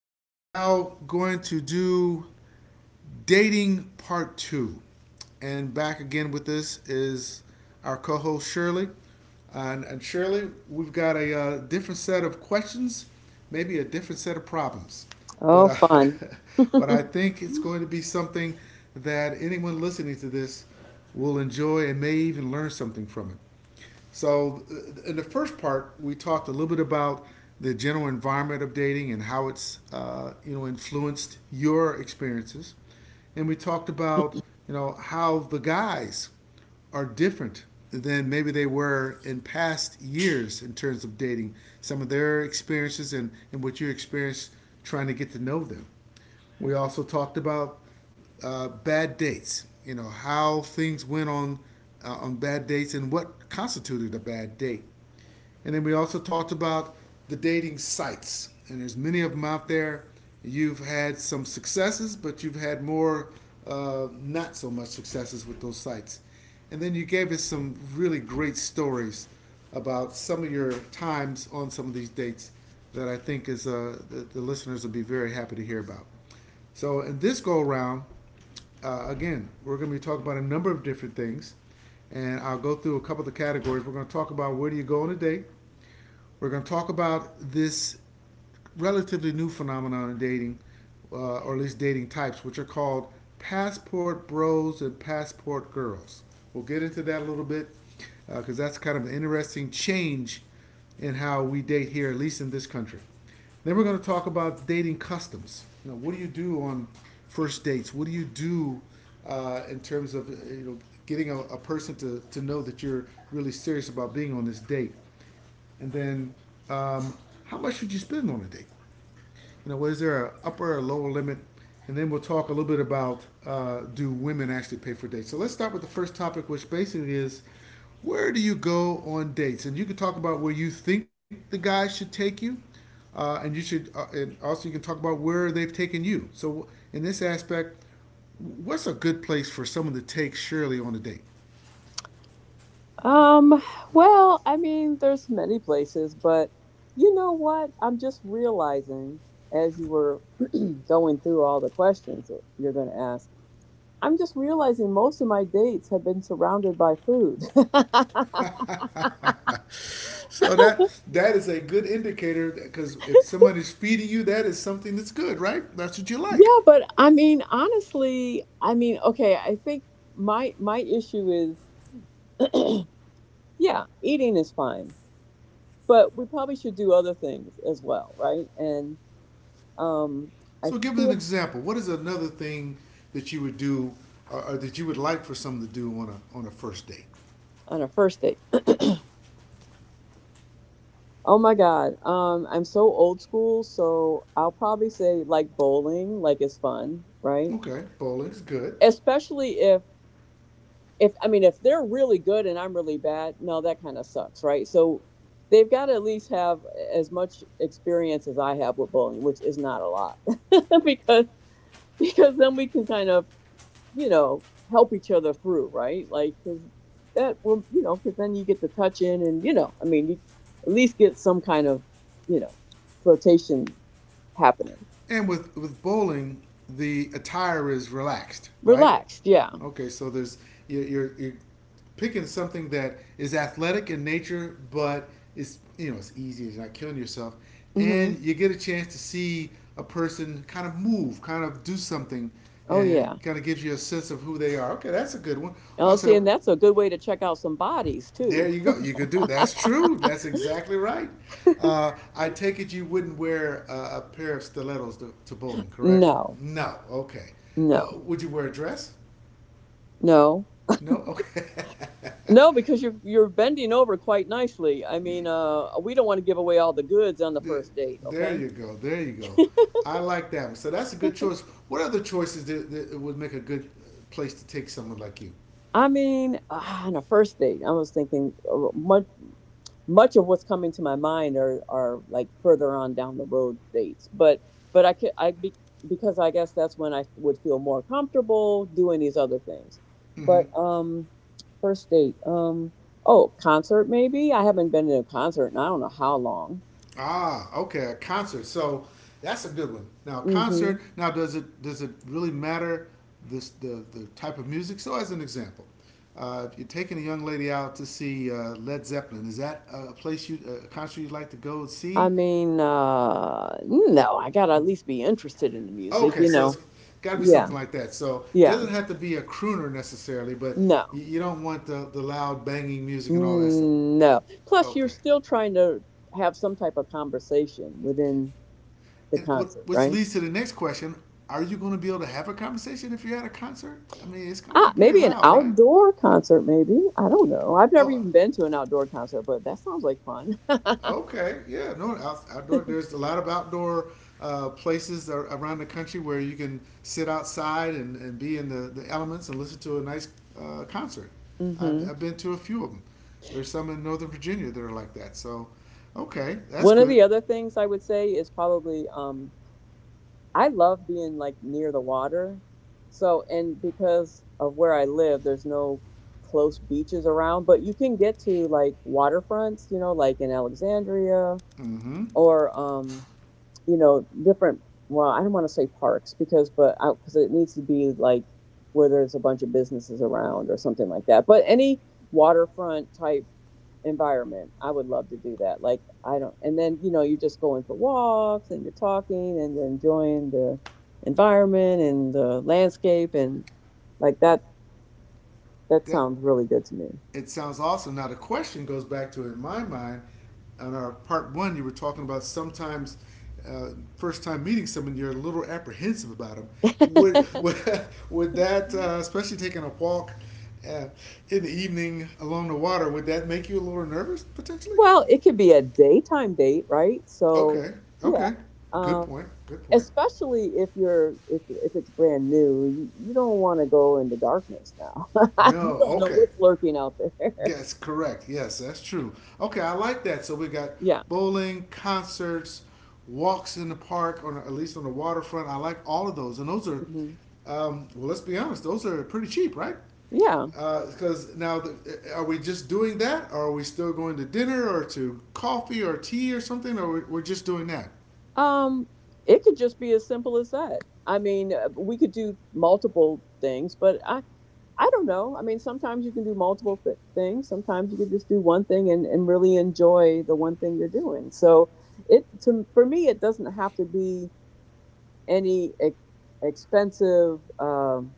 We are now going to do dating part two. And back again with this is our co host Shirley. And Shirley, we've got a different set of questions, maybe a different set of problems. But, Oh, uh, fun. but I think it's going to be something that anyone listening to this will enjoy and may even learn something from it. So, in the first part, we talked a little bit about the general environment of dating and how it's influenced your experiences, and we talked about how the guys are different than maybe they were in past years in terms of dating, some of their experiences and what you experienced trying to get to know them. We also talked about bad dates. You know how things went on bad dates and what constituted a bad date. And then we also talked about the dating sites, and there's many of them out there. You've had some successes, but you've had more not so much successes with those sites. And then you gave us some really great stories about some of your times on some of these dates that I think is the listeners will be very happy to hear about. So in this go around, again, we're going to be talking about a number of different things, and I'll go through a couple of the categories. We're going to talk about where do you go on a date, we're going to talk about this relatively new phenomenon in dating, or at least dating types, which are called passport bros and passport girls. We'll get into that a little bit because that's kind of an interesting change in how we date here, at least in this country. Then we're going to talk about dating customs. You know, what do you do on first dates? What do you do in terms of getting a person to know that you're really serious about being on this date? And then, um, how much should you spend on a date? You know, is there an upper or lower limit? And then we'll talk a little bit about do women actually pay for dates? So let's start with the first topic, which basically is where do you go on dates? And you can talk about where you think the guy should take you, and you should, and also you can talk about where they've taken you. So in this aspect, what's a good place for someone to take Shirley on a date? Um, well, I mean, there's many places, but you know what? I'm just realizing as you were going through all the questions you're going to ask, I'm just realizing most of my dates have been surrounded by food. So that is a good indicator because if somebody's feeding you, that is something that's good, right? That's what you like. Yeah, but honestly, okay, I think my issue is yeah, eating is fine, but we probably should do other things as well, right? And um I So give us an feel example. What is another thing that you would do, or that you would like for someone to do on a first date? On a first date. Oh my god. I'm so old school, so I'll probably say like bowling, like it's fun, right? Okay, bowling is good. Especially if I mean if they're really good and I'm really bad, no that kind of sucks, right? So they've got to at least have as much experience as I have with bowling, which is not a lot. because because then we can kind of you know, help each other through, right? Like, because that will, you know, because then you get to touch in and, you know, I mean, you at least get some kind of, you know, flirtation happening. And with bowling, the attire is relaxed, right? Relaxed, yeah. Okay, so you're picking something that is athletic in nature, but it's you know it's easy. It's not killing yourself, Hmm. and you get a chance to see a person kind of move, kind of do something, Oh, and yeah. kind of gives you a sense of who they are. Okay, that's a good one. Oh, see, Also, and that's a good way to check out some bodies, there too. you go. You could do. That's true. That's exactly right. I take it you wouldn't wear a pair of stilettos to bowling, correct? No, No. Okay. Uh, no, would you wear a dress? no, No. Okay. no, because you're bending over quite nicely. I mean, we don't want to give away all the goods on the first date, There okay? you go. There you go. I like that one. So that's a good choice. What other choices that would make a good place to take someone like you? I mean, ah, on a first date, I was thinking much of what's coming to my mind are like further on down the road dates but I could I be, because I guess that's when I would feel more comfortable doing these other things Hmm. but first date oh concert maybe I haven't been to a concert and I don't know how long. Ah, okay, a concert. So that's a good one. Now, a Hmm. concert. Now, does it really matter this the type of music? So, as an example, if you're taking a young lady out to see Led Zeppelin, is that a concert you'd like to go and I see? mean no I gotta at least be interested in the music Okay, you so know. it's got to be Yeah, something like that. So, it yeah, doesn't have to be a crooner necessarily, but you, no. you don't want the loud banging music and all that stuff. Mm, no. Plus, you're Okay. still trying to have some type of conversation within the And concert, which right? leads to the next question: Are you going to be able to have a conversation if you're at a concert? I mean, it's going to Ah, be pretty maybe an loud, right? outdoor concert, maybe. I don't know. I've never Oh, even been to an outdoor concert, but that sounds like fun. okay, yeah. No, outdoor. There's a lot of outdoor places around the country where you can sit outside and be in the elements and listen to a nice concert. I've, Hmm. I've been to a few of them. There's some in Northern Virginia that are like that. So, okay, that's One of the good. other things I would say is probably I love being like near the water. So, and because of where I live, there's no close beaches around, but you can get to like waterfronts, you know, like in Alexandria Mm-hmm. or you know, different. Well, I don't want to say parks because, but out because it needs to be like where there's a bunch of businesses around or something like that. But any waterfront type environment, I would love to do that. Like I don't, and then you know, you're just going for walks and you're talking and you're enjoying the environment and the landscape and like that. That That sounds really good to it sounds awesome. Now the question goes back to in my mind. On our part one, you were talking about sometimes uh, first time meeting someone, you're a little apprehensive about them. me. Would Would that, especially taking a walk uh, in the evening along the water, would that make you a little nervous potentially? Well, it could be a daytime date, right? So, Okay, yeah. okay, good Um, point, good point. Especially if you're if it's brand new, you don't want to go into darkness now. No, We don't know okay, what's lurking out there. yes, correct. Yes, that's true. Okay, I like that. So we got Yeah. bowling, concerts, walks in the park, or at least on the waterfront. I like all of those, and those are, Hmm. Well, let's be honest, those are pretty cheap, right? Yeah. Because now, the, are we just doing that, or are we still going to dinner, or to coffee, or tea, or something, or we're just doing that? Um, it could just be as simple as that. I mean, we could do multiple things, but I don't know. I mean, sometimes you can do multiple things. Sometimes you could just do one thing and really enjoy the one thing you're doing. So it to for me, it doesn't have to be any ex- expensive.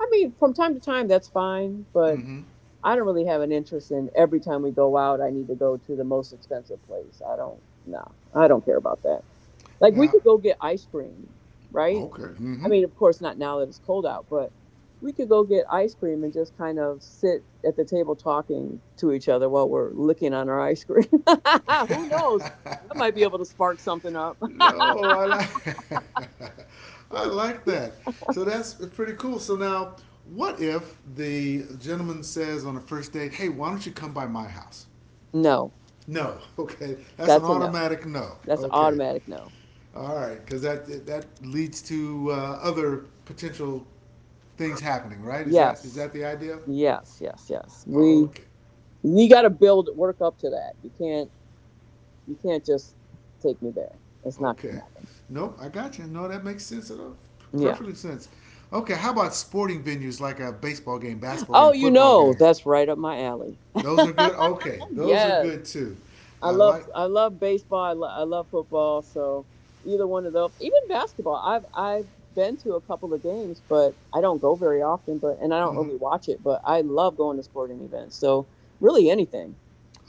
I mean, from time to time, that's fine, but Mm-hmm. I don't really have an interest in every time we go out, I need to go to the most expensive place. I don't. No, I don't care about that. Like we Now, could go get ice cream, right? okay. I Mm-hmm. mean, of course not now that it's cold out, but we could go get ice cream and just kind of sit at the table talking to each other while we're licking on our ice cream. Who knows? That might be able to spark something up. No, I like I like that. So that's pretty cool. So now, what if the gentleman says on the first date, "Hey, why don't you come by my house?" No, No. Okay, that's an that's a no. automatic no. That's an Okay, automatic no. all right, because that leads to other potential things happening, right? Is that is Yes. that the idea? Yes, yes, yes. We Okay. You got to build work up to that. You can't just take me there. It's not going Okay. to happen. Nope, I got you. No, that makes sense at all. Yeah. Perfectly sense. Okay, how about sporting venues like a baseball game, basketball Oh, game, you football know, game? that's right up my alley. Those are good. Okay, those are Yes, good too. I like I love baseball. I love football. So either one of those, even basketball. I've been to a couple of games, but I don't go very often. But and I don't really watch it. But I love going to sporting events. So really anything.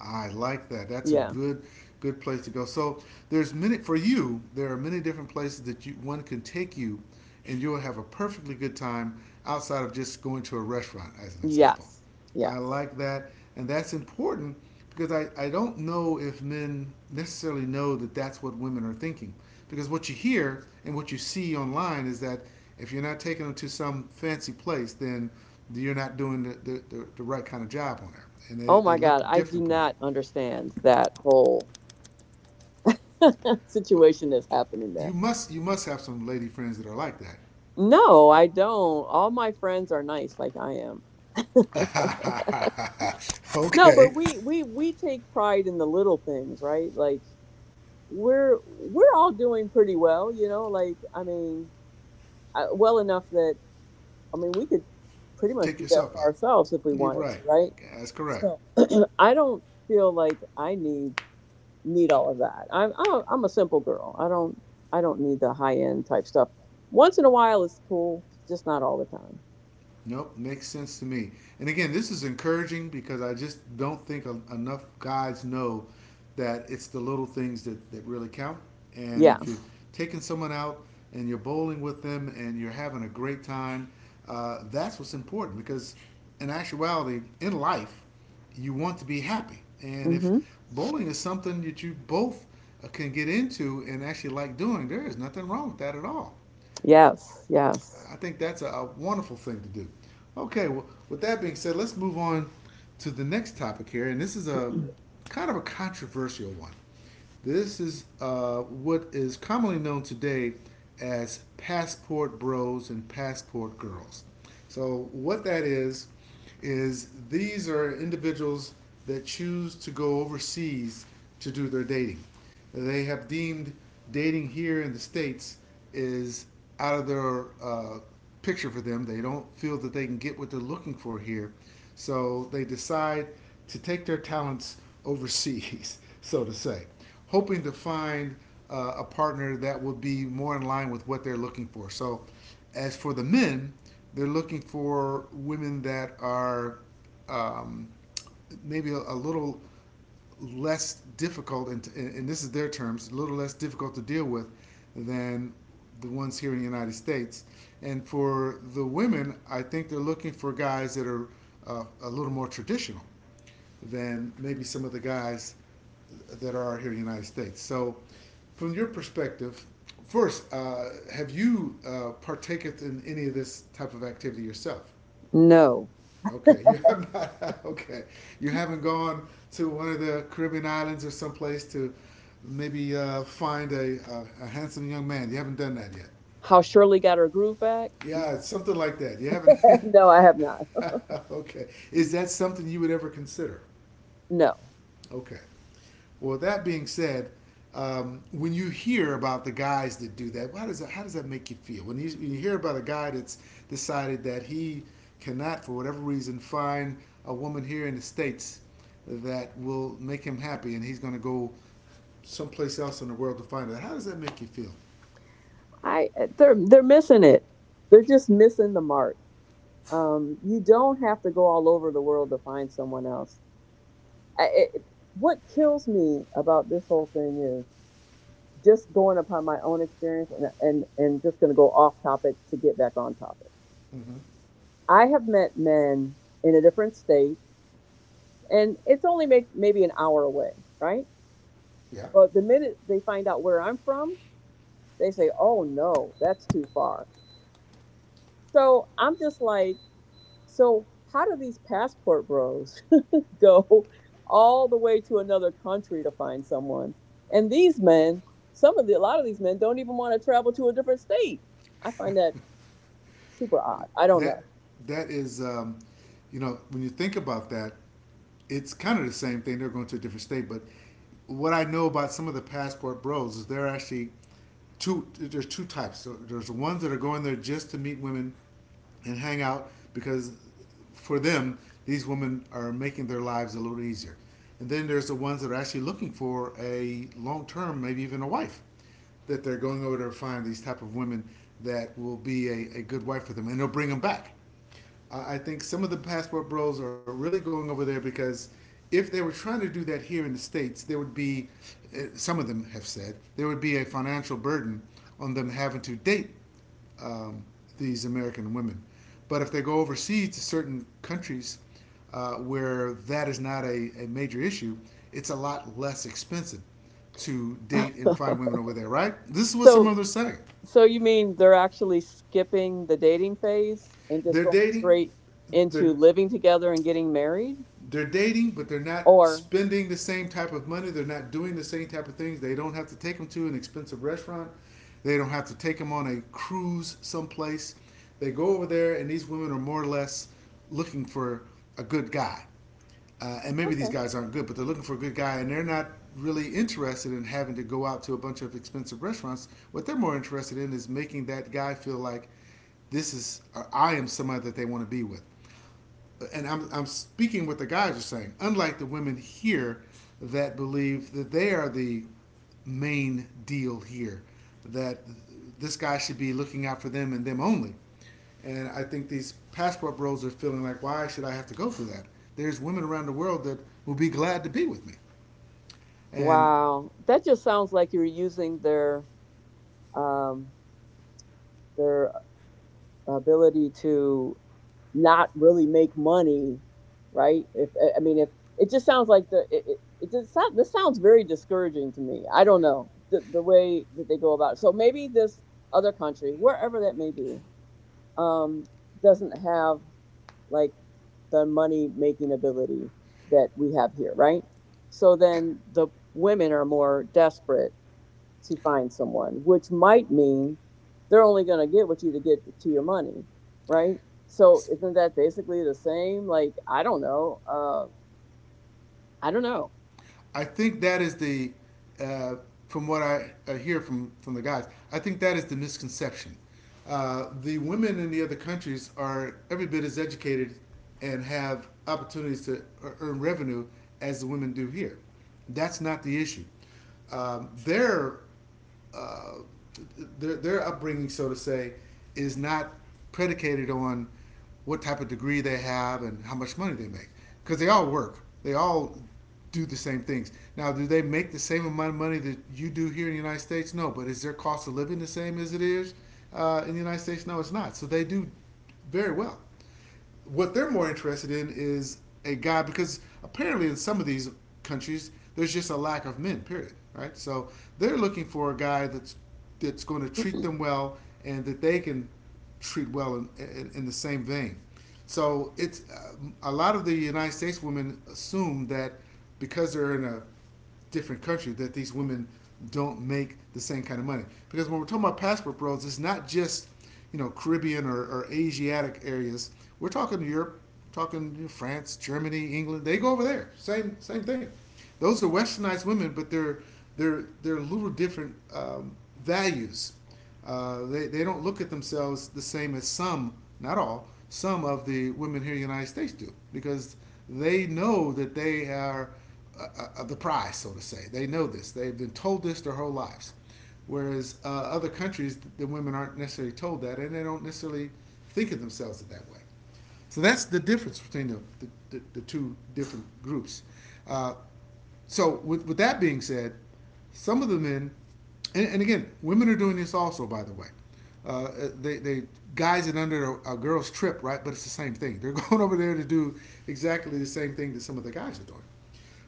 I like that. That's a Yeah. good place to go. So there's many for you. There are many different places that you one can take you, and you'll have a perfectly good time outside of just going to a restaurant, as an example. Yes. I Yes. like that, and that's important because I don't know if men necessarily know that that's what women are thinking. Because what you hear and what you see online is that if you're not taking them to some fancy place, then you're not doing the right kind of job on there and they, Oh they my look God, I do different upon you. not understand that whole situation that's happening You there. must you must have some lady friends that are like No, I don't. All my friends are nice, like I am. that. No, Okay, but we take pride in the little things, right? Like we're all doing pretty well, you know. I, well enough that I mean we could pretty much take do that yourself for out. ourselves if we You're wanted to, right. right? That's correct. So I don't feel like I need need all of that. I'm a simple girl. I don't need the high end type stuff. Once in a while it's cool, just not all the time. Nope, makes sense to me. And again, this is encouraging because I just don't think enough guys know that it's the little things that really count. And if Yeah. you're taking someone out and you're bowling with them and you're having a great time, that's what's important because in actuality, in life, you want to be happy. And if Mm-hmm. bowling is something that you both can get into and actually like doing, there is nothing wrong with that at all. Yes. Yes. I think that's a wonderful thing to do. Okay, well, with that being said, let's move on to the next topic here, and this is a kind of a controversial one. This is what is commonly known today as passport bros and passport girls. So, what that is these are individuals that choose to go overseas to do their dating. They have deemed dating here in the States is out of their picture for them. They don't feel that they can get what they're looking for here. So they decide to take their talents overseas, so to say, hoping to find a partner that will be more in line with what they're looking for. So, as for the men, they're looking for women that are um, maybe a little less difficult, and this is their terms, a little less difficult to deal with than the ones here in the United States. And for the women, I think they're looking for guys that are a little more traditional than maybe some of the guys that are here in the United States. So, from your perspective, first, have you partaketh in any of this type of activity yourself? No. Okay, you have not. Okay, you haven't gone to one of the Caribbean islands or someplace to maybe find a handsome young man. You haven't done that yet. How Shirley got her groove back? Yeah, No. it's something like that. You haven't. No, I have not. okay, is that something you would ever consider? No. Okay. Well, that being said, when you hear about the guys that do that, how does that, how does that make you feel? When you hear about a guy that's decided that he cannot, for whatever reason, find a woman here in the States that will make him happy and he's going to go someplace else in the world to find her, how does that make you feel? They're missing it. They're just missing the mark. You don't have to go all over the world to find someone else. I, it, what kills me about this whole thing is just going upon my own experience and just going to go off topic to get back on topic. Mm-hmm. I have met men in a different state and it's only maybe an hour away, right? Yeah. But the minute they find out where I'm from, they say, "Oh no, that's too far." So I'm just like, so how do these passport bros go all the way to another country to find someone? And these men, some of the a lot of these men don't even want to travel to a different state. I find that super odd. I don't That, know. that is, you know, when you think about that, it's kind of the same thing. They're going to a different state, but what I know about some of the passport bros is they're actually two. There's two types. So there's the ones that are going there just to meet women and hang out because for them these women are making their lives a little easier. And then there's the ones that are actually looking for a long term, maybe even a wife, that they're going over to find these type of women that will be a, good wife for them, and they'll bring them back. I think some of the passport bros are really going over there because if they were trying to do that here in the states, there would be some of them have said there would be a financial burden on them having to date um, these American women. But if they go overseas to certain countries where that is not a, major issue, it's a lot less expensive to date and find women over there, right? This is what some So others say. so you mean they're actually skipping the dating phase and just They're going dating, straight the into living together and getting married? they're dating, but they're not Or spending the same type of money. They're not doing the same type of things. They don't have to take them to an expensive restaurant. They don't have to take them on a cruise someplace. They go over there, and these women are more or less looking for a good guy. And maybe these Okay, guys aren't good, but they're looking for a good guy, and they're not really interested in having to go out to a bunch of expensive restaurants. What they're more interested in is making that guy feel like this is, or I am somebody that they want to be with and I'm speaking what the guys are saying, unlike the women here that believe that they are the main deal here, that this guy should be looking out for them and them only. And I think these passport bros are feeling like, why should I have to go through that? There's women around the world that will be glad to be with me. And wow, that just sounds like you're using um, their ability to not really make money, right? If I I mean, if it just sounds like the it, it, it just sound, this sounds very discouraging to me. I don't know the way that they go about it. So maybe this other country, wherever that may be, um, doesn't have like the money making ability that we have here, right? So then the women are more desperate to find someone, which might mean they're only going to get what you to get to your money, right? So isn't that basically the same? Like I don't know. I don't know. I think that is the, uh, from what I hear from the guys, I think that is the misconception. The women in the other countries are every bit as educated and have opportunities to e-, earn revenue as the women do here. That's not the issue. Their uh, their upbringing, so to say, is not predicated on what type of degree they have and how much money they make because they all work. They all do the same things. Now, do they make the same amount of money that you do here in the United States? No, but is their cost of living the same as it is in the United States? No, it's not. So they do very well. What they're more interested in is a guy because apparently in some of these countries there's just a lack of men. Period. Right. So they're looking for a guy that's going to treat them well and that they can treat well in, in the same vein. So it's a lot of the United States women assume that because they're in a different country that these women don't make the same kind of money. Because when we're talking about passport roles, it's not just you know Caribbean or, Asiatic areas. We're talking Europe, talking you know, France, Germany, England. They go over there. Same thing. Those are westernized women, but they're a little different values they don't look at themselves the same as some, not all, some of the women here in the United States do because they know that they are the prize, so to say. They know this. They've been told this their whole lives. Whereas other countries, the women aren't necessarily told that and they don't necessarily think of themselves that way. So that's the difference between the two different groups. Uh, so, with that being said, some of the men, and again, women are doing this also, by the way. Uh, uh, they guys it under a, girl's trip, right? But it's the same thing. They're going over there to do exactly the same thing that some of the guys are doing.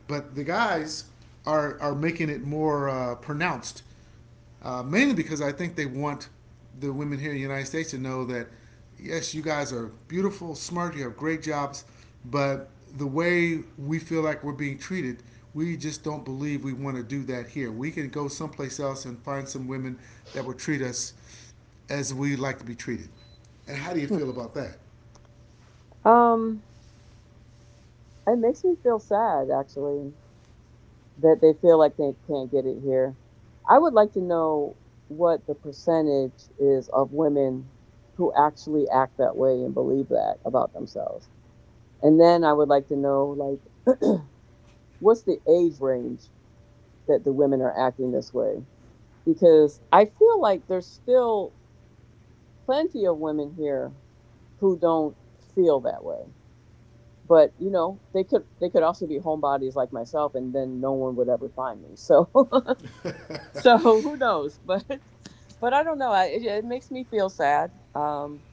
But the guys are making it more pronounced mainly because I think they want the women here in the United States to know that yes, you guys are beautiful, smart, you have great jobs, but the way we feel like we're being treated, we just don't believe we want to do that here. We can go someplace else and find some women that will treat us as we like to be treated. And how do you Hmm. feel about that? Um, it makes me feel sad actually that they feel like they can't get it here. I would like to know what the percentage is of women who actually act that way and believe that about themselves. And then I would like to know like what's the age range that the women are acting this way because I feel like there's still plenty of women here who don't feel that way. But you know, they could also be homebodies like myself, and then no one would ever find me. So so who knows but I don't know I, it makes me feel sad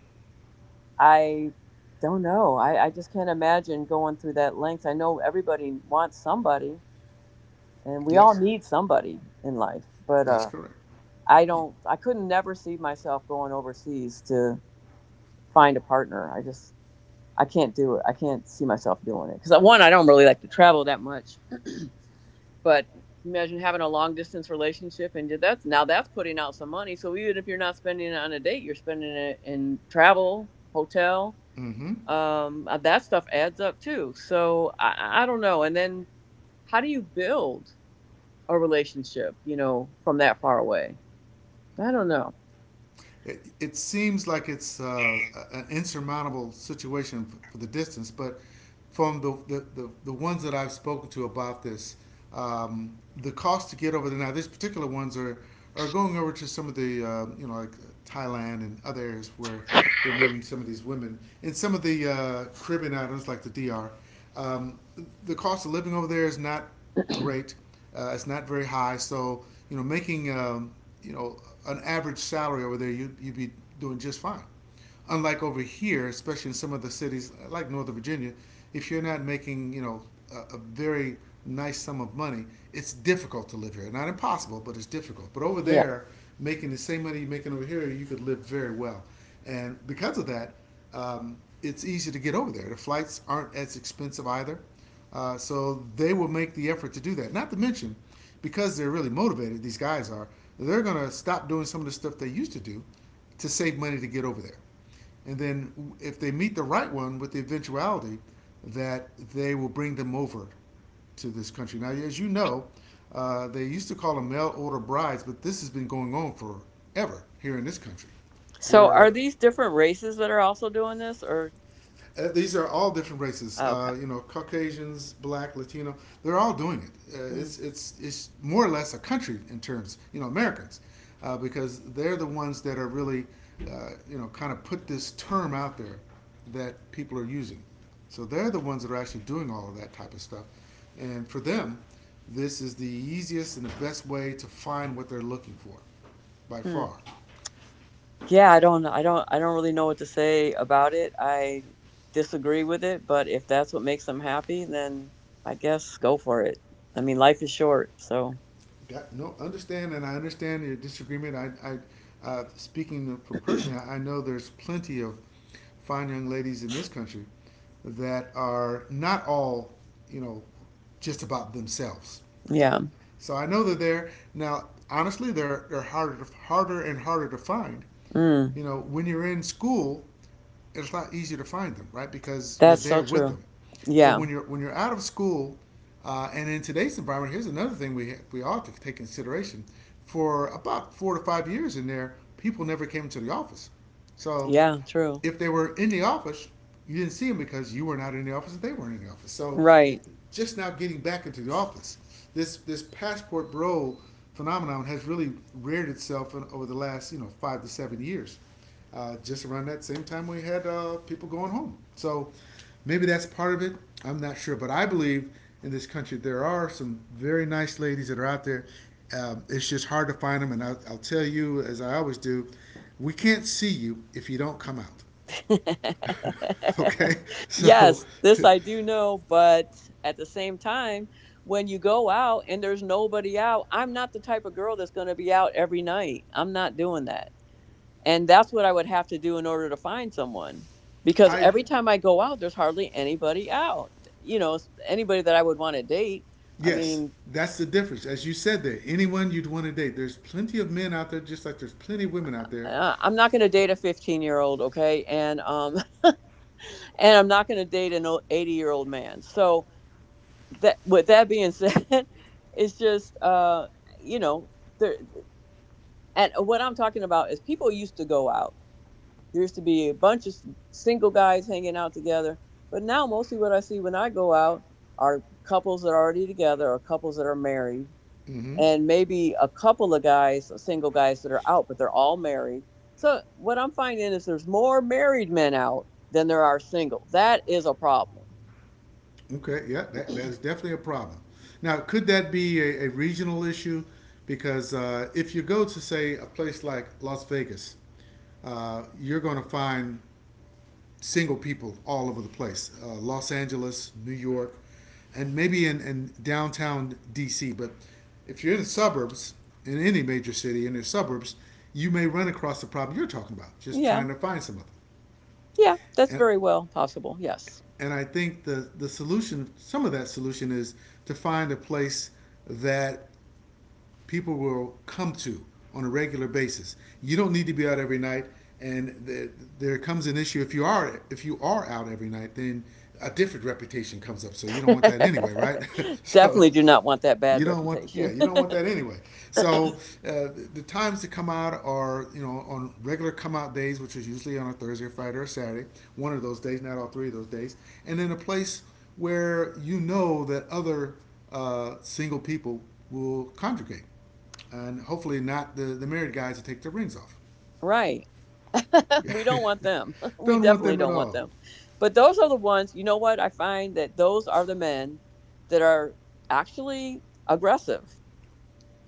I don't know I just can't imagine going through that length I know everybody wants somebody and we all Yes, need somebody in life but that's correct. I couldn't never see myself going overseas to find a partner I can't do it I can't see myself doing it because one I don't really like to travel that much. But imagine having a long distance relationship and that's now that's putting out some money. So even if you're not spending it on a date, you're spending it in travel, hotel. Mm-hmm. That stuff adds up too. So I don't know. And then how do you build a relationship, you know, from that far away? I don't know. It seems like it's an insurmountable situation for the distance, but from the ones that I've spoken to about this, um, the cost to get over there now, these particular ones are going over to some of the, you know, like Thailand and other areas where they're meeting some of these women. In some of the Caribbean islands, like the DR, um, the cost of living over there is not great. It's not very high, so you know, making you know an average salary over there, you'd be doing just fine. Unlike over here, especially in some of the cities like Northern Virginia, if you're not making you know a, very nice sum of money, it's difficult to live here. Not impossible, but it's difficult. But over Yeah. there, making the same money you're making over here, you could live very well. And because of that, it's easy to get over there. The flights aren't as expensive either. So they will make the effort to do that. Not to mention, because they're really motivated, these guys are, they're going to stop doing some of the stuff they used to do to save money to get over there. And then if they meet the right one with the eventuality that they will bring them over to this country. Now, as you know, they used to call them mail order brides, but this has been going on forever here in this country, So are where these different races that are also doing this or these are all different races. okay. You know, Caucasians, Black, Latino. They're all doing it. Uh, Hmm. it's it's it's more or less a country in terms. You know, Americans, because they're the ones that are really, you know, kind of put this term out there that people are using. So they're the ones that are actually doing all of that type of stuff, and for them, this is the easiest and the best way to find what they're looking for, by Hmm. far. Yeah, I don't really know what to say about it. I disagree with it, but if that's what makes them happy, then I guess go for it. I mean, life is short, so Got no understand, and I understand your disagreement. I speaking from personally, I know there's plenty of fine young ladies in this country that are not all, you know, just about themselves. yeah. So I know they're there now. Honestly, they're harder and harder to find Mm, you know, when you're in school, it's a lot easier to find them, right? Because you're that's there so with true. them. But Yeah. When you're out of school, and in today's environment, here's another thing we ought to take consideration. For about 4 to 5 years in there, people never came to the office, so Yeah, true. if they were in the office, you didn't see them because you were not in the office and they weren't in the office. So it, Right. just now getting back into the office, this passport bro phenomenon has really reared itself in, over the last you know 5 to 7 years. Just around that same time we had people going home. So maybe that's part of it. I'm not sure, but I believe in this country there are some very nice ladies that are out there. It's just hard to find them, and I'll tell you as I always do we can't see you if you don't come out. okay? So Yes, this I do know, but at the same time, when you go out and there's nobody out, I'm not the type of girl that's going to be out every night. I'm not doing that. And that's what I would have to do in order to find someone. Because I every time I go out, there's hardly anybody out. You know, anybody that I would want to date. I yes, mean, that's the difference. As you said there, anyone you'd want to date. There's plenty of men out there just like there's plenty of women out there. I'm not going to date a 15-year-old, okay? And And I'm not going to date an 80-year-old man. So that, with that being said, it's just you know, there. And what I'm talking about is people used to go out. There used to be a bunch of single guys hanging out together, but now mostly what I see when I go out are couples that are already together or couples that are married, Hmm. and maybe a couple of guys, single guys that are out, but they're all married. So what I'm finding is there's more married men out than there are single. That is a problem. Okay, yeah, that is definitely a problem. Now, could that be a regional issue? Because if you go to, say, a place like Las Vegas, you're going to find single people all over the place, Los Angeles, New York, and maybe in downtown DC. But if you're in the suburbs, in any major city, in the suburbs, you may run across the problem you're talking about, just Yeah. trying to find some of them. Yeah, that's And, very well possible. Yes. and I think the solution, some of that solution is to find a place that people will come to on a regular basis. You don't need to be out every night, and there comes an issue if you are out every night, then a different reputation comes up. So you don't want that anyway, right? So Definitely do not want that you bad don't want, yeah, reputation. you don't want that anyway. So times to come out are, on regular come out days, which is usually on a Thursday or Friday or Saturday, one of those days, not all three of those days, and then a place where you know that other single people will congregate, and hopefully not the married guys that take their rings off. Right. We don't want them. We Don't want definitely them at don't want all. them. But those are the ones, you know what? I find that those are the men that are actually aggressive.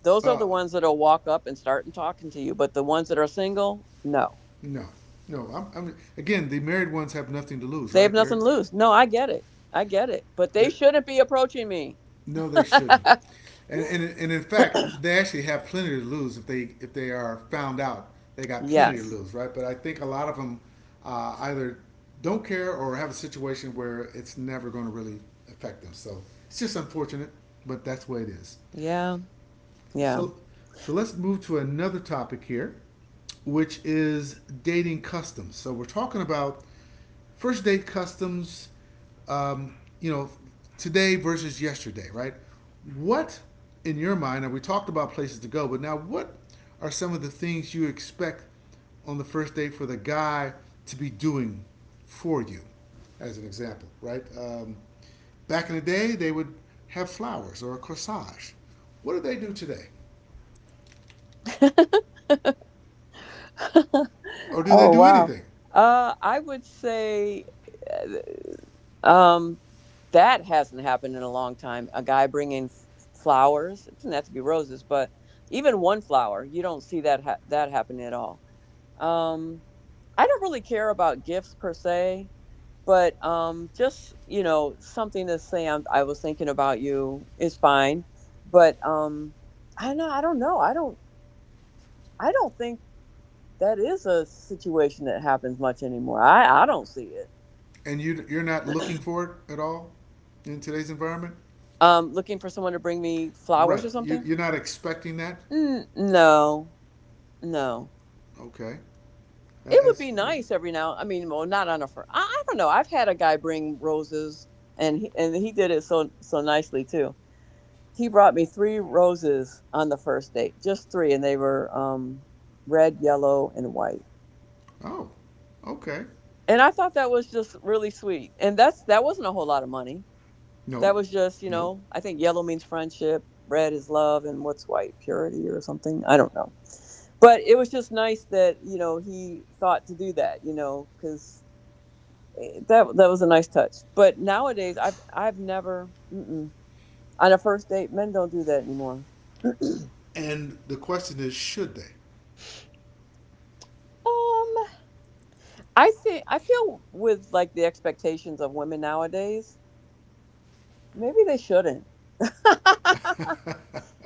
Those are Uh, the ones that'll walk up and start and talking to you. But the ones that are single, no. no, no. I'm, again, the married ones have nothing to lose, They have right? nothing to lose. No, I get it. I get it. But they They're shouldn't be approaching me. No, they shouldn't. And in fact, they actually have plenty to lose if they are found out. They got plenty to Yes. lose, right? But I think a lot of them either don't care or have a situation where it's never going to really affect them. So it's just unfortunate, but that's the way it is. Yeah. Yeah. So so let's move to another topic here, which is dating customs. So we're talking about first date customs. Um, you know, today versus yesterday, right? What in your mind? Now we talked about places to go, but now what are some of the things you expect on the first date for the guy to be doing for you, as an example, right? Back in the day, they would have flowers or a corsage. What do they do today? Or do they Oh, do wow. anything? I would say. eh, Um, that hasn't happened in a long time. A guy bringing flowers. It doesn't have to be roses, but even one flower, you don't see that that happening at all. Um, I don't really care about gifts per se, but just you know, something to say. I was thinking about you is fine, but I don't know. I don't. I don't think that is a situation that happens much anymore. I don't see it. And you're not looking for it at all in today's environment, looking for someone to bring me flowers right? or You, something. you're not expecting that. N no, No. Okay, It would that's be nice every now I mean, well, not on a fir I don't know, I've had a guy bring roses, and he did it so nicely too. He brought me 3 roses on the first date, just 3, and they were, red, yellow, and white, oh, okay. and I thought that was just really sweet, and that wasn't a whole lot of money. No, That was just, you no. know, I think yellow means friendship, red is love, and what's white? Purity or something. I don't know. But it was just nice that, you know, he thought to do that, you know, because that was a nice touch. But nowadays, I've never mm-mm. On a first date, men don't do that anymore. And the question is, should they? Um, I think I feel with like the expectations of women nowadays, maybe they shouldn't.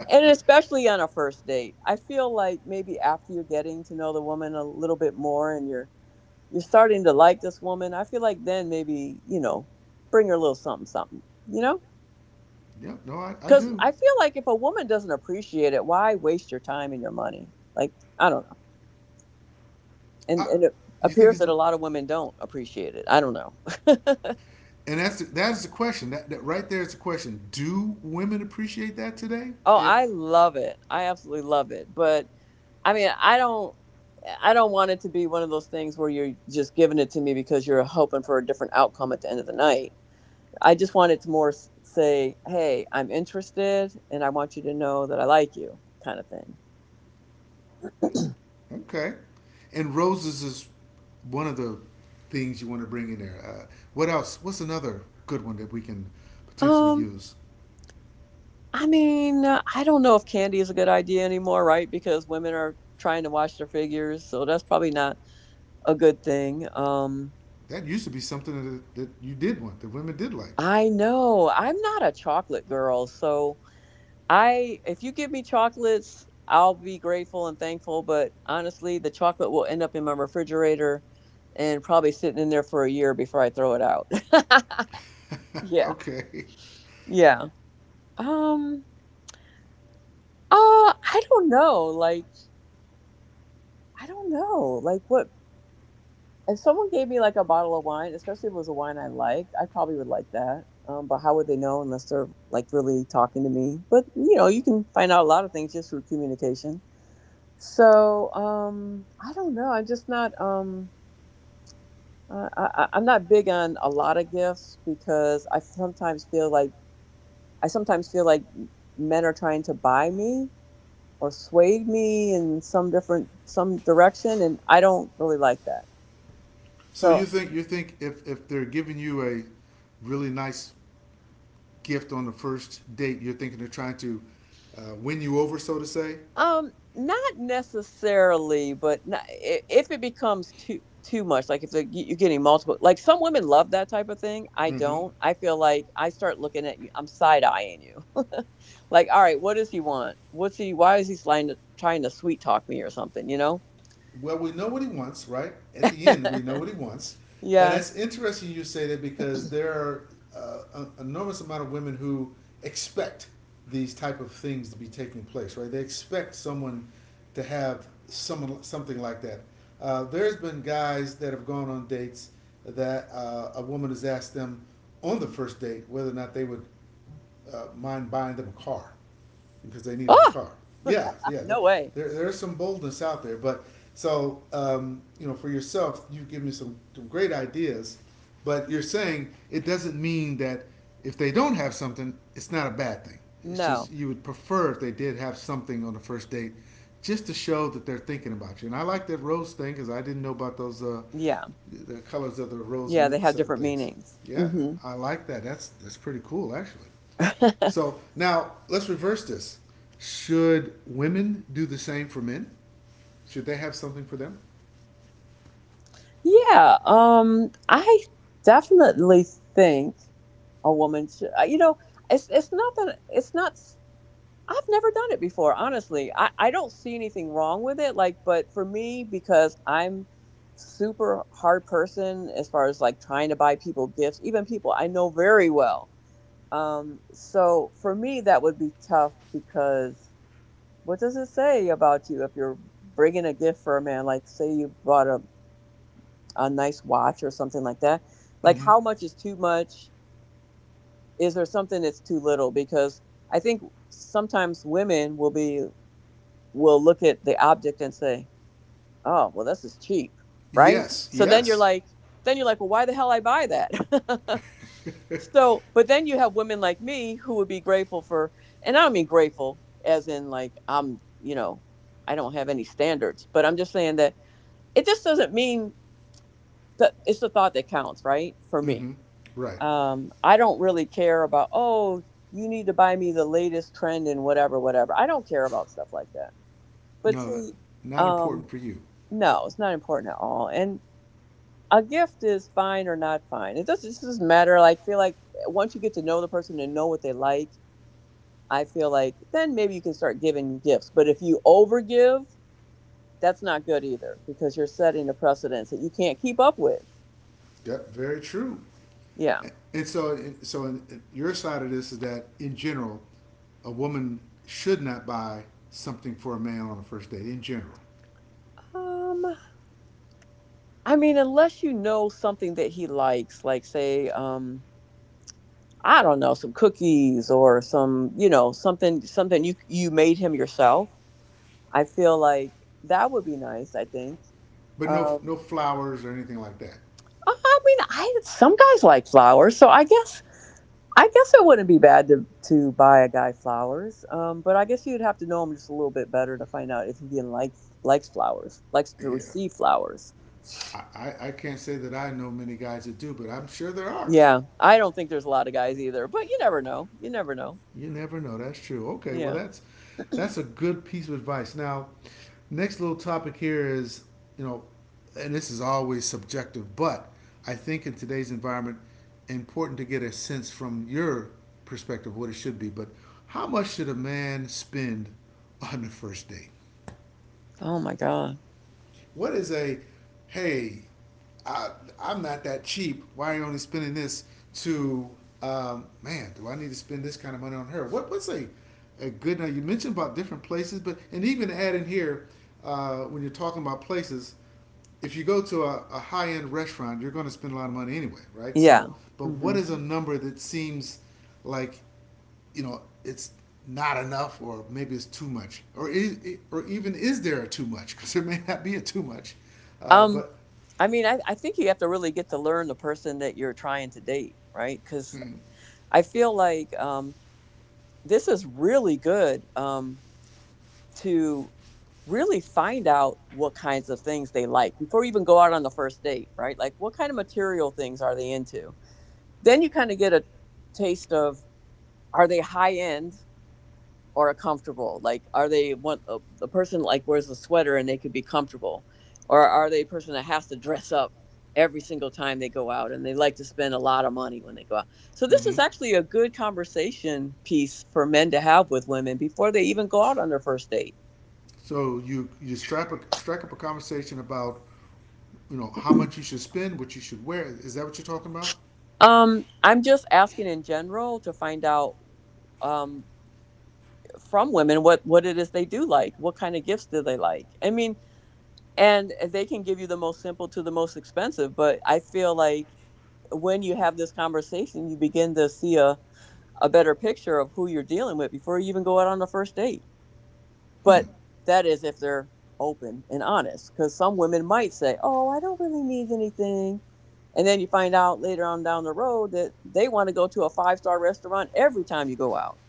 And especially on a first date, I feel like maybe after you're getting to know the woman a little bit more and you're starting to like this woman, I feel like then maybe, you know, bring her a little something something, you know. Yeah, no, I Because do. I feel like if a woman doesn't appreciate it, why waste your time and your money? Like, I don't know. and I, and it you think appears it's, that a the- lot of women don't appreciate it. I don't know. And that's the question. That right there is the question. Do women appreciate that today? Oh, If I love it, I absolutely love it. But I mean, I don't want it to be one of those things where you're just giving it to me because you're hoping for a different outcome at the end of the night. I just want it to more say, "Hey, I'm interested and I want you to know that I like you," kind of thing. Okay. And roses is one of the things you want to bring in there. What else? What's another good one that we can potentially Um, use? I mean, I don't know if candy is a good idea anymore, right? Because women are trying to watch their figures, so that's probably not a good thing. That used to be something that you did want, that women did like. I know I'm not a chocolate girl, so I if you give me chocolates, I'll be grateful and thankful, but honestly, the chocolate will end up in my refrigerator and probably sitting in there for a year before I throw it out. Yeah. Okay. Yeah. Um uh I don't know, like, I don't know. Like, what if someone gave me like a bottle of wine, especially if it was a wine I liked, I probably would like that. But how would they know unless they're like really talking to me? But you know, you can find out a lot of things just through communication. So I don't know. I'm just not. I'm not big on a lot of gifts because I sometimes feel like men are trying to buy me or sway me in some different some direction, and I don't really like that. So you So think you think if they're giving you a really nice gift on the first date, you're thinking they're trying to win you over, so to say. Not necessarily, but not, if it becomes too much, like if the, you're getting multiple, like some women love that type of thing. I Mm-hmm. don't. I feel like I start looking at you. I'm side eyeing you. Like, all right, what does he want? What's he? Why is he trying to sweet talk me or something? You know? Well, we know what he wants, right? At the end, we know what he wants, and that's Yes. interesting you say that because there are an enormous amount of women who expect these type of things to be taking place, right? They expect someone to have someone something like that. There's been guys that have gone on dates that a woman has asked them on the first date whether or not they would mind buying them a car because they needed a Ah, car. Yeah, yeah. There, no way. there, there is some boldness out there, but so for yourself, you have given me some great ideas, but you're saying it doesn't mean that if they don't have something, it's not a bad thing. It's No. just you would prefer if they did have something on the first date, just to show that they're thinking about you. And I like that rose thing because I didn't know about those Yeah. the colors of the rose Yeah. They meant have certain different things. meanings. Yeah, Hmm. I like that. That's pretty cool actually. So now let's reverse this. Should women do the same for men? Should they have something for them? Yeah. I definitely think. A woman sh you know, it's not that it's not, I've never done it before, honestly. I don't see anything wrong with it, like, but for me, because I'm super hard person as far as like trying to buy people gifts, even people I know very well. So for me that would be tough because what does it say about you if you're bringing a gift for a man, like say you brought a nice watch or something like that. Like, Mm-hmm. how much is too much? Is there something that's too little? Because I think sometimes women will look at the object and say, oh, well, this is cheap. Right, Yes, so then you're yes. like, well, why the hell I buy that? So, but then you have women like me who would be grateful for, and I don't mean grateful as in like, I'm, you know, I don't have any standards, but I'm just saying that it just doesn't mean that it's the thought that counts, right, for Mm-hmm. me. Right. I don't really care about, oh, you need to buy me the latest trend and whatever, whatever. I don't care about stuff like that. But No, that see, not um, important for you. no, it's not important at all. And a gift is fine or not fine. It doesn't matter. Like, feel like eh, once you get to know the person and know what they like, I feel like then maybe you can start giving gifts. But if you overgive, that's not good either because you're setting a precedence that you can't keep up with. Yep, very true. Yeah. And your side of this is that in general, a woman should not buy something for a man on a first date in general, Um, I mean, unless you know something that he likes, like say, I don't know, some cookies or some, you know, something you you made him yourself. I feel like that would be nice, I think. but no, Um, no flowers or anything like that. I mean, I some guys like flowers, so I guess it wouldn't be bad to buy a guy flowers. But I guess you'd have to know him just a little bit better to find out if he even likes flowers, likes to Yeah, receive flowers. I can't say that I know many guys that do, but I'm sure there are. Yeah, I don't think there's a lot of guys either, but you never know. You never know. You never know. That's true. Okay, well Yeah. that's a good piece of advice. Now, next little topic here is, you know, and this is always subjective, but I think in today's environment, important to get a sense from your perspective what it should be. But how much should a man spend on the first date? Oh my God. What is hey, I, I'm not that cheap. Why are you only spending this? To man, do I need to spend this kind of money on her? What's a good now? You mentioned about different places, but and even add in here when you're talking about places, if you go to a high end restaurant, you're going to spend a lot of money anyway, right? Yeah. So, but what Hmm. is a number that seems like it's not enough or maybe it's too much or even is there a too much because there may not be a too much Um, but I mean, I think you have to really get to learn the person that you're trying to date, right? Because I feel like this is really good, to really find out what kinds of things they like before you even go out on the first date, right? Like, what kind of material things are they into? Then you kind of get a taste of, are they high end or are comfortable? Like, are they one a person like wears a sweater and they could be comfortable, or are they a person that has to dress up every single time they go out and they like to spend a lot of money when they go out? So this mm-hmm. is actually a good conversation piece for men to have with women before they even go out on their first date. So you strap strike up a conversation about how much you should spend what you should wear is that what you're talking about. I'm just asking in general to find out um, from women what it is they do like, what kind of gifts do they like. I mean, and they can give you the most simple to the most expensive, but I feel like when you have this conversation, you begin to see a better picture of who you're dealing with before you even go out on the first date. But that is if they're open and honest, because some women might say, Oh, I don't really need anything. And then you find out later on down the road that they want to go to a five-star restaurant every time you go out.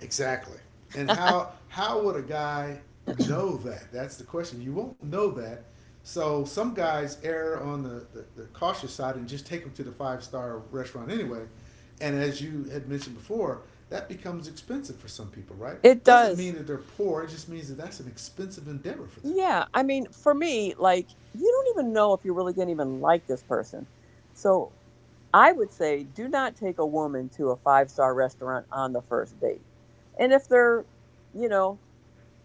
Exactly. And how would a guy know that? That's the question. You won't know that. So some guys err on the cautious side and just take them to the five-star restaurant anyway. And as you had mentioned before, that becomes expensive for some people, right? It Doesn't mean does. that they're poor. It just means that that's an expensive endeavor for them. Yeah. I mean, for me, like, you don't even know if you're really going to even like this person. So I would say do not take a woman to a five-star restaurant on the first date. And if they're, you know,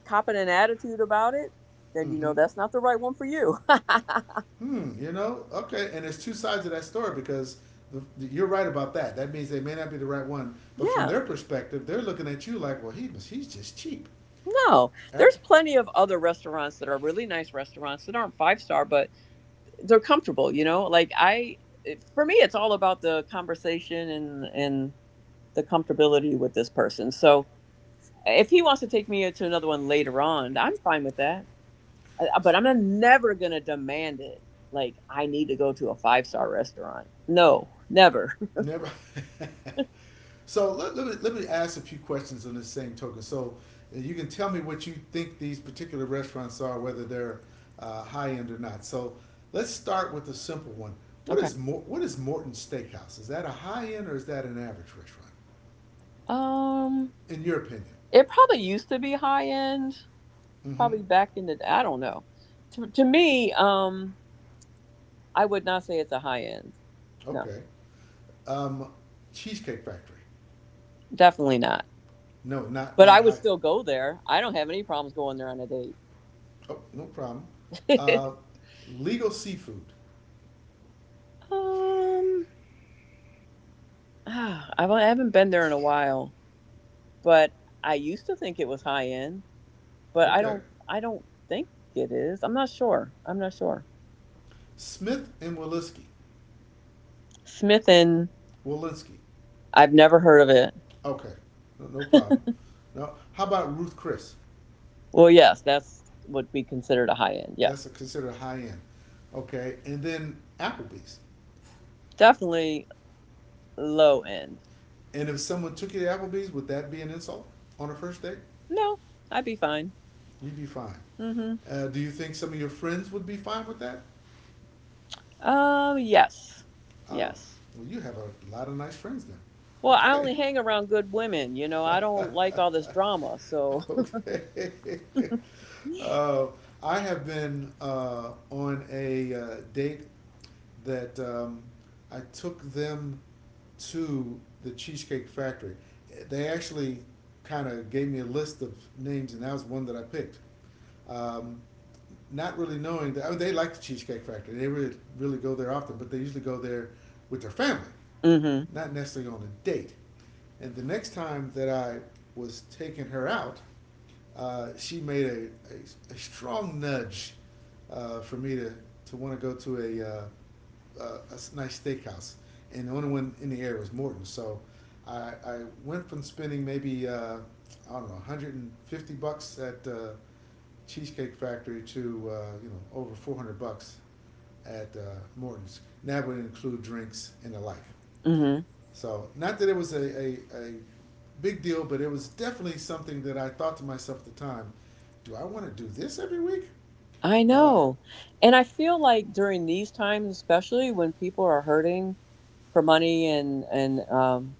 copping an attitude about it, then you Mm-hmm. know that's not the right one for you. Hmm, okay. And there's two sides to that story because you're right about that. That means they may not be the right one, but from Yeah, their perspective, they're looking at you like, well, he's just cheap, no. right? There's plenty of other restaurants that are really nice restaurants that aren't five star, but they're comfortable, you know? Like I it, for me it's all about the conversation and the comfortability with this person. So if he wants to take me to another one later on, I'm fine with that. But I'm not, never going to demand it. Like, I need to go to a five-star restaurant. No, never. Never. So let me ask a few questions on this same token. So you can tell me what you think these particular restaurants are, whether they're high end or not. So let's start with a simple one. What Okay. is what is Morton Steakhouse? Is that a high end or is that an average restaurant, Um, in your opinion? it probably used to be high end, Mm-hmm. probably back in the I don't know. To me, I would not say it's a high end. No, Okay. Um, Cheesecake Factory. definitely not. No, not But I not would high. still go there. I don't have any problems going there on a date. Oh, no problem. Uh, Legal Seafood. um, ah, I have not been there in a while, but I used to think it was high end. But I Okay. don't I don't think it is. I'm not sure. I'm not sure. Smith and Walensky. Smith and. Walensky. I've never heard of it. Okay. No, no problem. No. How about Ruth Chris? Well, yes, that's would be considered a high end. That's Yes, considered a high end. Okay. And then Applebee's. definitely low end. And if someone took you to Applebee's, would that be an insult on a first date? No, I'd be fine. You'd be fine. Mm-hmm. Do you think some of your friends would be fine with that? Yes, Oh, yes. well, you have a lot of nice friends then. Well, I Okay. only hang around good women. You know, I don't like all this drama. So. Okay. Uh, I have been on a date that I took them to the Cheesecake Factory. They actually kind of gave me a list of names, and that was one that I picked. Um, not really knowing that I mean, they like the Cheesecake Factory. They really really go there often, but they usually go there with their family Mm-hmm. not necessarily on a date. And the next time that I was taking her out, she made a strong nudge for me to want to go to a, uh, a, a nice steakhouse. And the only one in the area was Morton's. So I went from spending maybe, I don't know, 150 bucks at Cheesecake Factory to, over 400 bucks at Morton's. And that would include drinks and the like. Mm-hmm. So, not that it was a big deal, but it was definitely something that I thought to myself at the time do I want to do this every week? I Uh, know, and I feel like during these times, especially when people are hurting for money and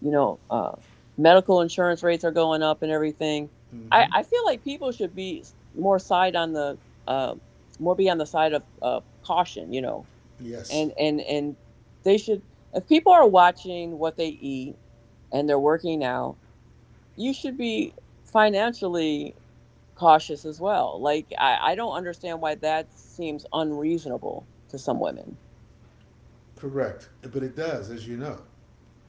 you know, uh, medical insurance rates are going up and everything. mm I, hmm. I feel like people should be more side on the uh, more be on the side of caution, Yes. and they should if people are watching what they eat and they're working out, you should be financially cautious as well. Like I don't understand why that seems unreasonable to some women. Correct. But it does, as you know.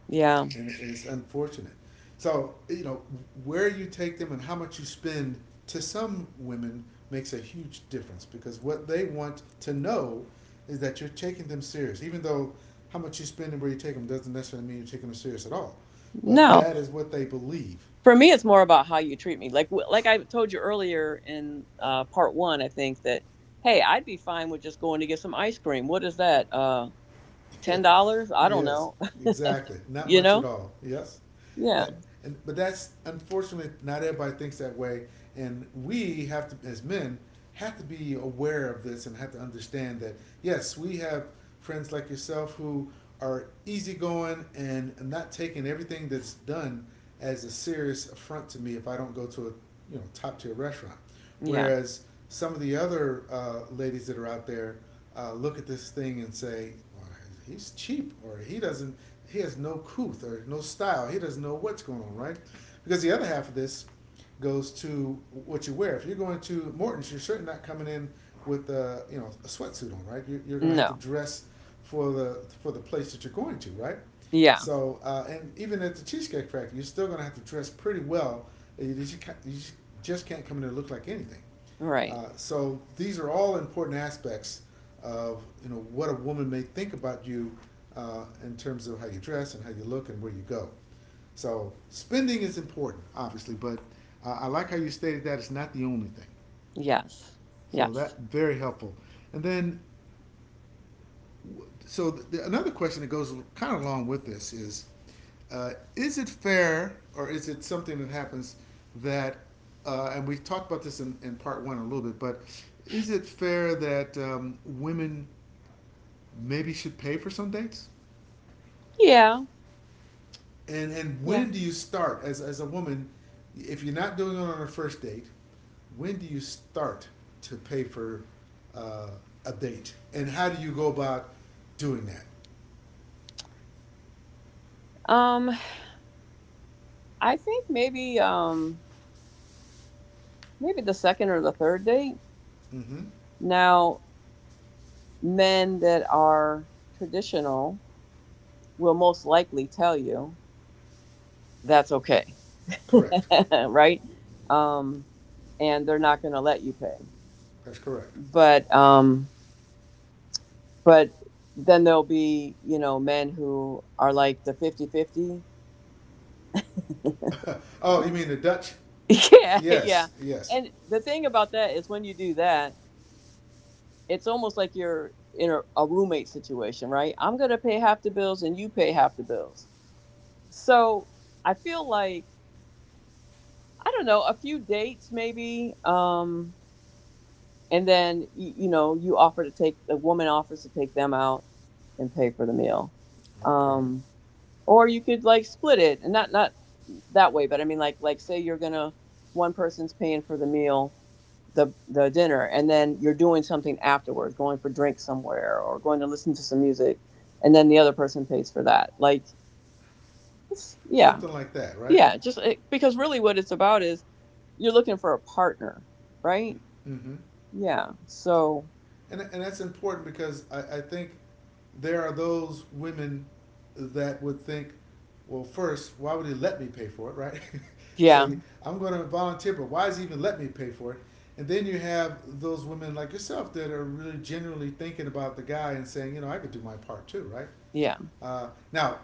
Yeah. And, it's unfortunate. So where you take them and how much you spend to some women makes a huge difference because what they want to know is that you're taking them serious, even though how much you spend and where you take them doesn't necessarily mean you're taking them serious at all. But No. that is what they believe. For me, it's more about how you treat me. Like I told you earlier in part one, I think that hey, I'd be fine with just going to get some ice cream. What is that? Yeah. $10? I don't Yes, know. exactly. Not you much at know? all. Yes. Uh, Yeah. And but that's unfortunately not everybody thinks that way, and we have to, as men, have to be aware of this and have to understand that yes, we have friends like yourself who are easygoing and not taking everything that's done as a serious affront to me if I don't go to a top tier restaurant. Yeah. Whereas some of the other ladies that are out there look at this thing and say, well, he's cheap, or he doesn't, he has no couth or no style. He doesn't know what's going on, right? Because the other half of this goes to what you wear. If you're going to Morton's, you're certainly not coming in with a a sweatsuit on, right? You're going to have to No. dress for the place that you're going to, right? Yeah. So, and even at the Cheesecake Factory, you're still going to have to dress pretty well. You can't come in there and look like anything. Right. So these are all important aspects of what a woman may think about you in terms of how you dress and how you look and where you go. So spending is important, obviously, but I like how you stated that it's not the only thing. Yes. So Yes. that very helpful. And then another question that goes kind of along with this is it fair or is it something that happens that, and we talked about this in part one a little bit, but is it fair that women maybe should pay for some dates? Yeah. And Yeah. when do you start as a woman, if you're not doing it on a first date, when do you start to pay for uh, a date, and how do you go about doing that? Um, I think maybe maybe the second or the third date. Mm-hmm. Now, men that are traditional will most likely tell you that's okay. Correct. Right? Um, and they're not going to let you pay. That's correct. But um, but then there'll be men who are like the 50/50. Oh, you mean the Dutch? Yeah, yeah. Yes, yes. And the thing about that is when you do that, it's almost like you're in a roommate situation, right? I'm going to pay half the bills and you pay half the bills. So I feel like I don't know a few dates maybe. And then you know you offer to take the woman offers to take them out and pay for the meal. Okay. Um, or you could like split it, and not that way, but I mean like say you're gonna one person's paying for the meal, the dinner, and then you're doing something afterwards, going for drinks somewhere or going to listen to some music, and then the other person pays for that. Like, it's, yeah, Something like that, right? yeah, just it, because really what it's about is you're looking for a partner, right? Mm-hmm. Yeah. So And that's important because I think there are those women that would think, well, first, why would he let me pay for it, right? yeah, So I'm going to volunteer, but why is he even let me pay for it? And then you have those women like yourself that are really genuinely thinking about the guy and saying, you know, I could do my part too, right? yeah. Now,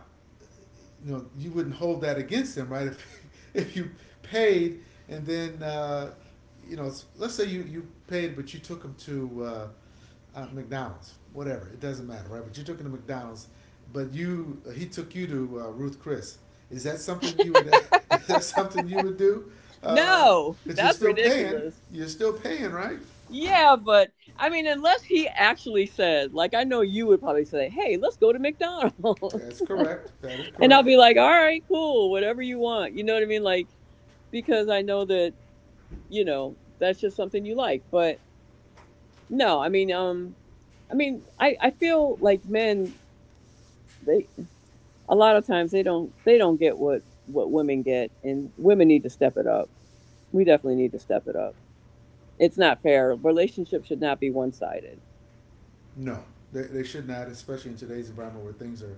you know, you wouldn't hold that against them, right? If you paid and then you know, let's say you paid, but you took them to McDonald's, whatever. It doesn't matter, right? But you took him to McDonald's, but you he took you to Ruth Chris. Is that something you would? Is that something you would do? Because No, you're that's still paying. ridiculous. You're still paying, right? Yeah, but I mean, unless he actually said, like, I know you would probably say, hey, let's go to That's McDonald's. correct. That is And I'll correct. be like, all right, cool, whatever you want. You know what I mean? Like, because I know that, that's just something you like. But no, I mean, I mean, I feel like men, they, a lot of times they don't get what women get and women need to step it up. We definitely need to step it up. It's not fair. Relationships should not be one sided. No, they should not, especially in today's environment where things are,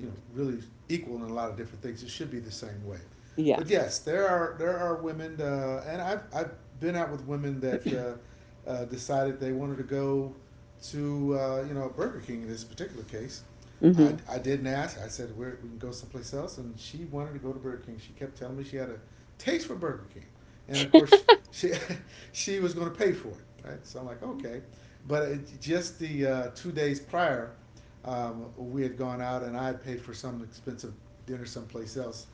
you know, really equal in a lot of different things. It should be the same way. Yeah. But yes, there are women, and I've been out with women that decided they wanted to go to you know Burger King in this particular case, I, Hmm. I didn't ask. I said we're, we can go someplace else, and she wanted to go to Burger King. She kept telling me she had a taste for Burger King, and of course she she was going to pay for it, right? So I'm like, okay, but it, just the two days prior, we had gone out and I had paid for some expensive dinner someplace else.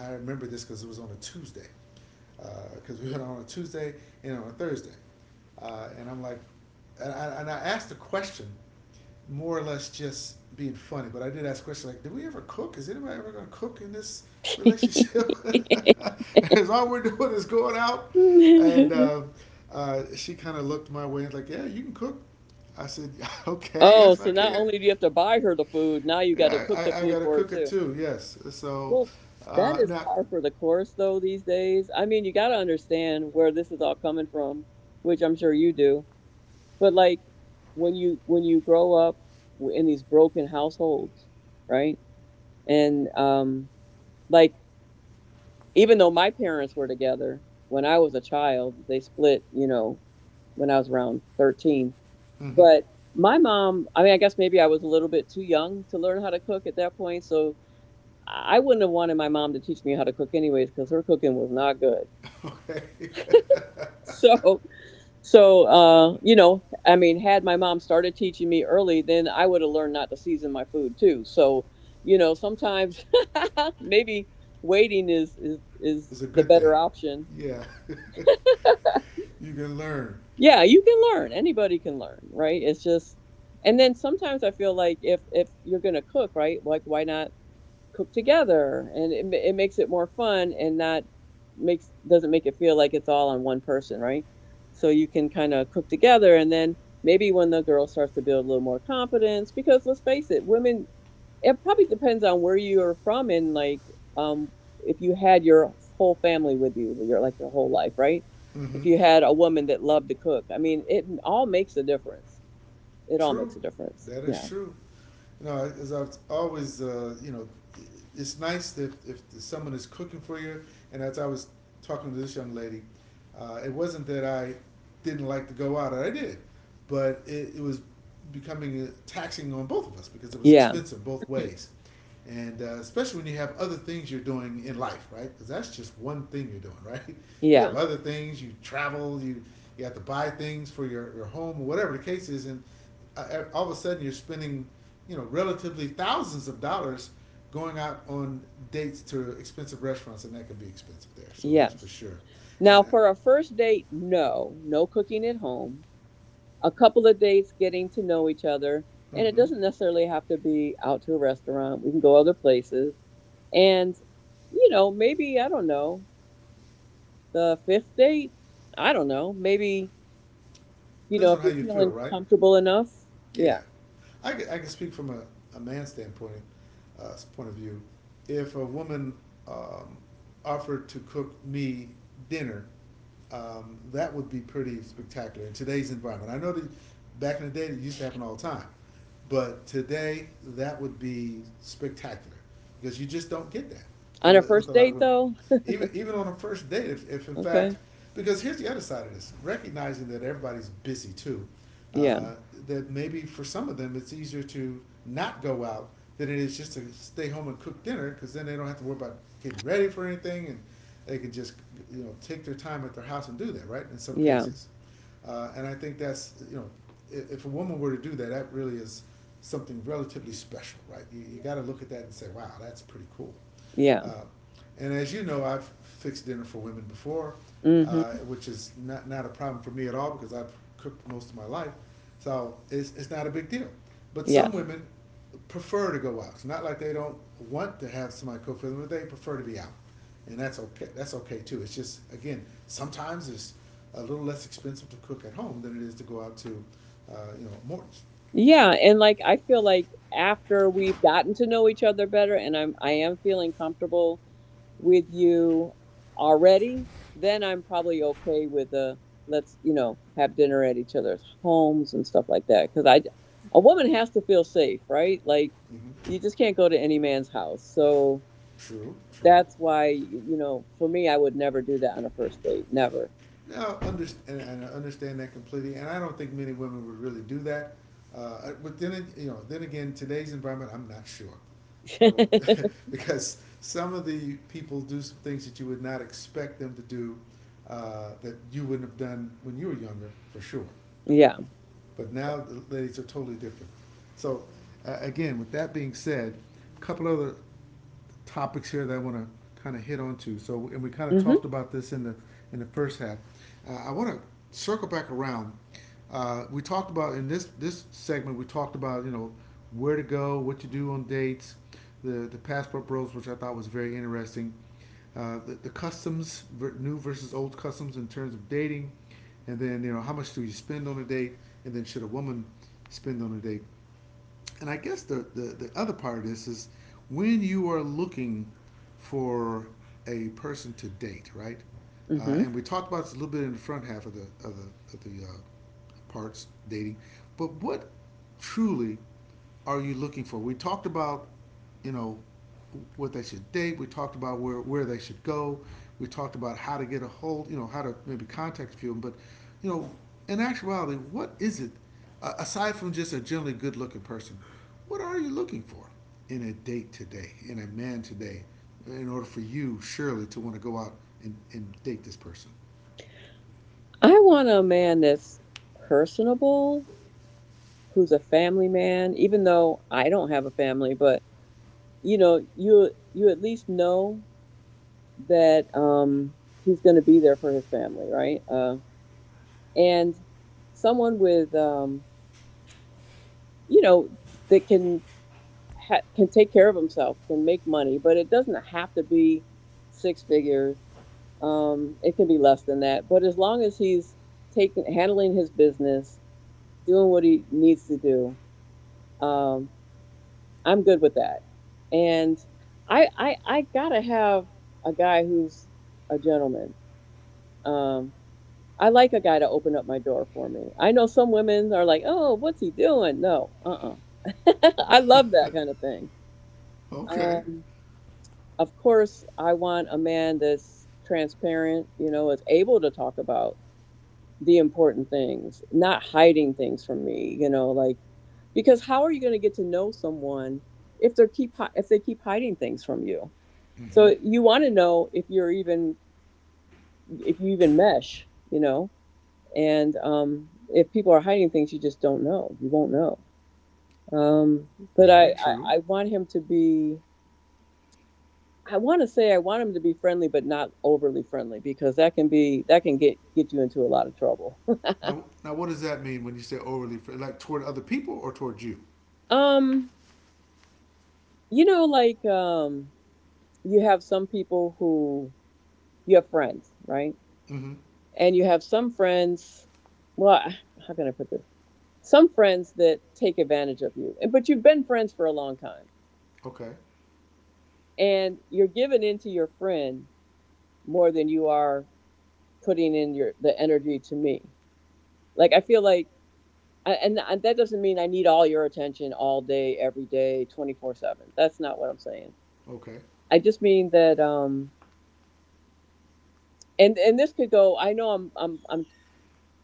I remember this because it was on a Tuesday, because we went on a Tuesday and on a Thursday, and I'm like, and I asked the question more or less just being funny. But I did ask questions like, "Did we ever cook? Is anybody ever going to cook in this relationship?" Because all we're doing is going out, and uh, uh, she kind of looked my way and was like, "Yeah, you can cook." I said, "Okay, Oh, yes, I so not can. only do you have to buy her the food, now you got to Yeah, cook the I food got to for her cook it too. too. Yes." So Well, that is now, par for the course, though, these days. I mean, you got to understand where this is all coming from, which I'm sure you do. But like when you grow up in these broken households, right? And like even though my parents were together when I was a child, they split. You know, when I was around 13. hmm. But my mom, I mean, I guess maybe I was a little bit too young to learn how to cook at that point. So I wouldn't have wanted my mom to teach me how to cook anyways, because her cooking was not good. Okay. So, I mean, had my mom started teaching me early, then I would have learned not to season my food too. So, sometimes maybe waiting is, is It's a the good thing. better option. Yeah, you can learn. Yeah, you can learn. Anybody can learn, right? It's just, and then sometimes I feel like if you're going to cook, right? Like, why not cook together and it makes it more fun and not makes doesn't make it feel like it's all on one person, right? So you can kind of cook together and then maybe when the girl starts to build a little more confidence, because let's face it, women, it probably depends on where you're from and like um if you had your whole family with you your like your whole life, right? Mm-hmm. If you had a woman that loved to cook, I mean, it all makes a difference. It all True, makes a difference. that is Yeah, true. You know, as I've always, you know, it's nice if someone is cooking for you. And as I was talking to this young lady, it wasn't that I didn't like to go out, I did, but it was becoming taxing on both of us because it was yeah, expensive both ways. And especially when you have other things you're doing in life, right? Because that's just one thing you're doing, right? You have yeah. other things. You travel. You have to buy things for your home or whatever the case is, and all of a sudden you're spending, you know, relatively thousands of dollars going out on dates to expensive restaurants, and that can be expensive there. So that's for Yes. sure. Now, And for a first date, no, no cooking at home. A couple of dates getting to know each other. And it mm-hmm, doesn't necessarily have to be out to a restaurant. We can go other places. And, maybe, I don't know, the fifth date, I don't know. Maybe, depends on if how you're you feel, feeling right? comfortable enough. Yeah, Yeah. I can speak from a man's standpoint, point of view. If a woman um, offered to cook me dinner, that would be pretty spectacular in today's environment. I know that back in the day, it used to happen all the time. But today, that would be spectacular because you just don't get that On a with a first lot of date, women. though. Even even on a first date, if in fact, Okay. because here's the other side of this recognizing that everybody's busy too, Yeah. uh, that maybe for some of them it's easier to not go out than it is just to stay home and cook dinner because then they don't have to worry about getting ready for anything and they can just you know take their time at their house and do that right in some Yeah. cases and I think that's, you know, if a woman were to do that, that really is something relatively special, right? You got to look at that and say, wow, that's pretty cool. Yeah. Uh, and as you know, I've fixed dinner for women before, Hmm. which is not, not a problem for me at all because I've cooked most of my life. So it's not a big deal. But some Yes. women prefer to go out. It's not like they don't want to have somebody cook for them, but they prefer to be out and that's okay. That's okay too. It's just again, sometimes it's a little less expensive to cook at home than it is to go out to, you know, Morton's. Yeah, and like I feel like after we've gotten to know each other better and I am feeling comfortable with you already, then I'm probably okay with a let's have dinner at each other's homes and stuff like that. Because a woman has to feel safe, right? Like Mm-hmm. you just can't go to any man's house. So True, true. that's why for me, I would never do that on a first date. Never. Now, understand, and I understand that completely, and I don't think many women would really do that. But then, you know, then again, today's environment, I'm not sure. You know, because some of the people do some things that you would not expect them to do that you wouldn't have done when you were younger, for sure. Yeah. But now the ladies are totally different. So, again, with that being said, a couple other topics here that I want to kind of hit on to. So, and we kind of Mhm. talked about this in the first half. I want to circle back around. We talked about in this this segment. We talked about you know where to go, what to do on dates, the passport bros, which I thought was very interesting the customs, new versus old customs in terms of dating, and then you know how much do you spend on a date, and then should a woman spend on a date, and I guess the other part of this is when you are looking for a person to date, right? Mhm. And we talked about this a little bit in the front half of of the parts dating, but what truly are you looking for? We talked about you know, what they should date. We talked about where they should go. We talked about how to get a hold, you know, how to maybe contact a few of them. But, you know, in actuality, what is it, aside from just a generally good looking person, what are you looking for in a date today, in a man today, in order for you, Shirley, to want to go out and date this person? I want a man that's personable, who's a family man, even though I don't have a family, but you at least know that he's going to be there for his family, right? And someone with you know that can can take care of himself, can make money, but it doesn't have to be six figures. It can be less than that, but as long as he's taking handling his business, doing what he needs to do, um, I'm good with that. And I gotta have a guy who's a gentleman. Um, I like a guy to open up my door for me. I know some women are like, oh, what's he doing? No, I love that kind of thing. Okay. Um, of course, I want a man that's transparent, is able to talk about the important things, not hiding things from me, like because how are you going to get to know someone if they keep if they keep hiding things from you? Mm-hmm. So you want to know if you even mesh, and if people are hiding things, you just don't know. You won't know. Um, but I, Very I true. I want him to be. I want to say I want him to be friendly, but not overly friendly because that can get you into a lot of trouble. Now, now, what does that mean when you say overly, like toward other people or toward you? Um, you know, like you have some people who you have friends, right? Mm-hmm. And you have some friends, well, how can I put this? Some friends that take advantage of you, but you've been friends for a long time, Okay. and you're giving in to your friend more than you are putting in your the energy to me. Like I feel like, and that doesn't mean I need all your attention all day, every day, 24/7. That's not what I'm saying. Okay. I just mean that, and this could go. I know I'm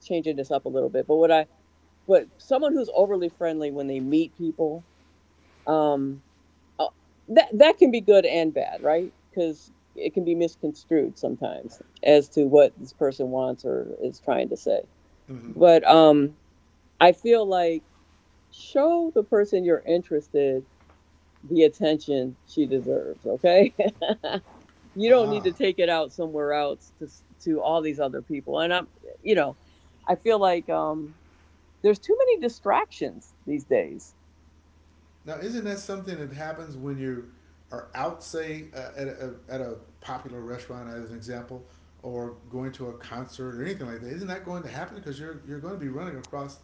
changing this up a little bit, but what I but someone who's overly friendly when they meet people um uh, that can be good and bad, right? Because it can be misconstrued sometimes as to what this person wants or is trying to say. Mm-hmm. But I feel like show the person you're interested the attention she deserves. Okay. You don't need to Ah, take it out somewhere else to all these other people and I'm you know I feel like there's too many distractions these days. now isn't that something that happens when you are out, say, at a popular restaurant, as an example, or going to a concert or anything like that? Isn't that going to happen because you're going to be running across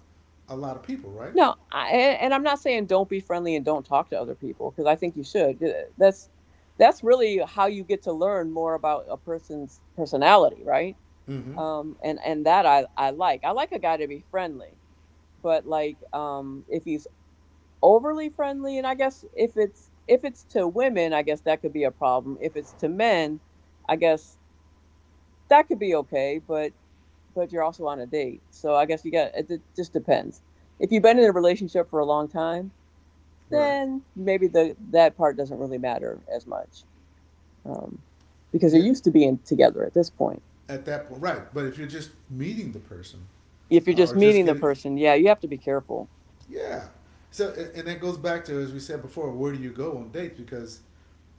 a lot of people, right? No, I, and I'm not saying don't be friendly and don't talk to other people because I think you should. Yeah, That's really how you get to learn more about a person's personality, right? Mm-hmm. And that I like. I like a guy to be friendly, but like if he's overly friendly, and I guess if it's to women, I guess that could be a problem. If it's to men, I guess that could be okay. But you're also on a date, so I guess you got it. Just depends. If you've been in a relationship for a long time Right. then maybe the that part doesn't really matter as much, um, because they're Yeah, used to being together at this point. at that point, right. But if you're just meeting the person, If you're just or just meeting the getting. person, yeah, you have to be careful. Yeah. So and that goes back to, as we said before, where do you go on dates? Because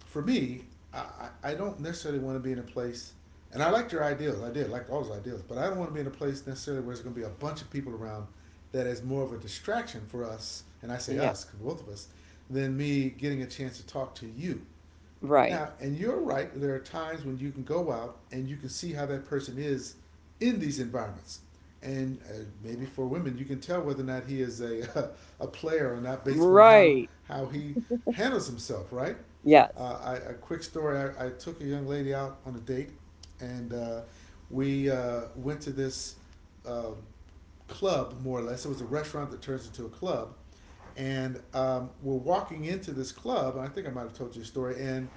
for me, I, I don't necessarily want to be in a place, and I liked your ideals. I did like all those ideals, but I don't want to be in a place necessarily where there's going to be a bunch of people around that is more of a distraction for us. And I say Yeah, us because both of us, than me getting a chance to talk to you. right, Now, and you're right, there are times when you can go out and you can see how that person is in these environments. And maybe for women, you can tell whether or not he is a, a player or not based upon right, how he handles himself, right? yes. A quick story I took a young lady out on a date, and we went to this uh, club, more or less. It was a restaurant that turns into a club. And we're walking into this club, and I think I might have told you a story, and